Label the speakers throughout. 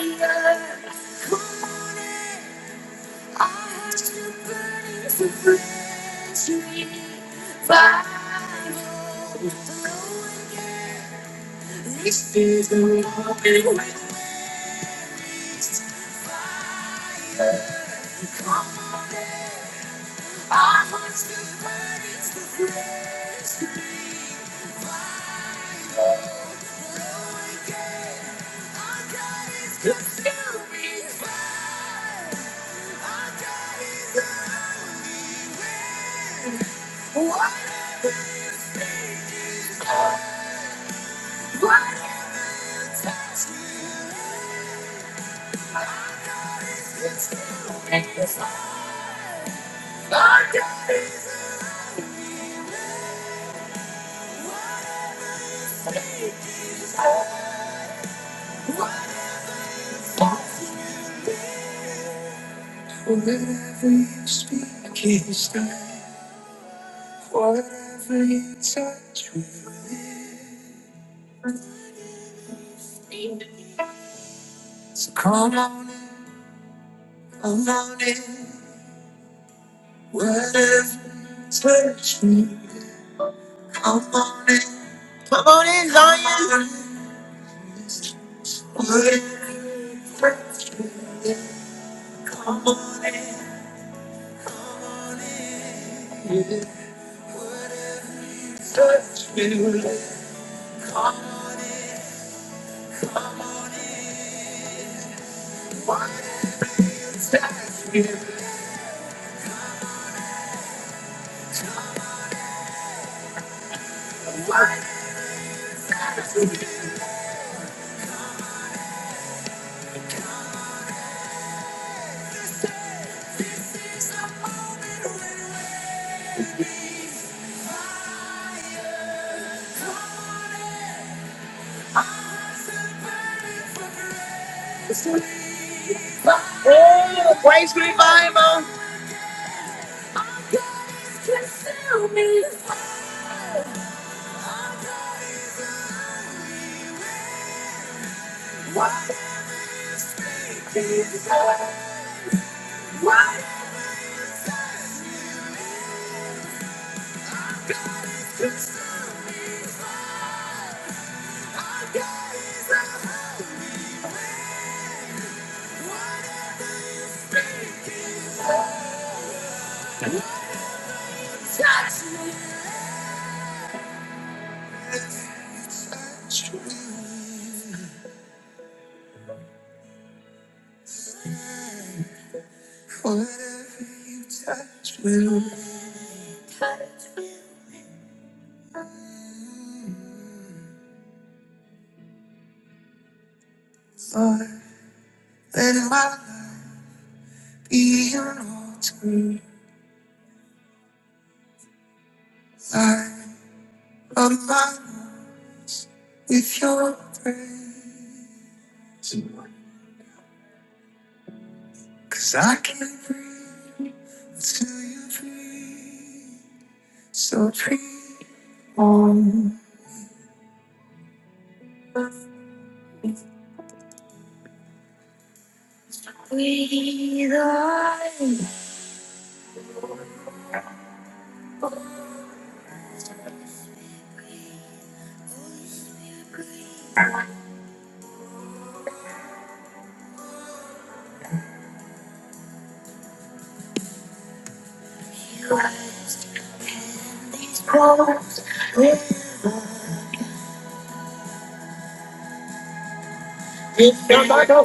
Speaker 1: Hands on. Oh, Grace Revival. Just tell me why, why touch me? Somebody go, go, go,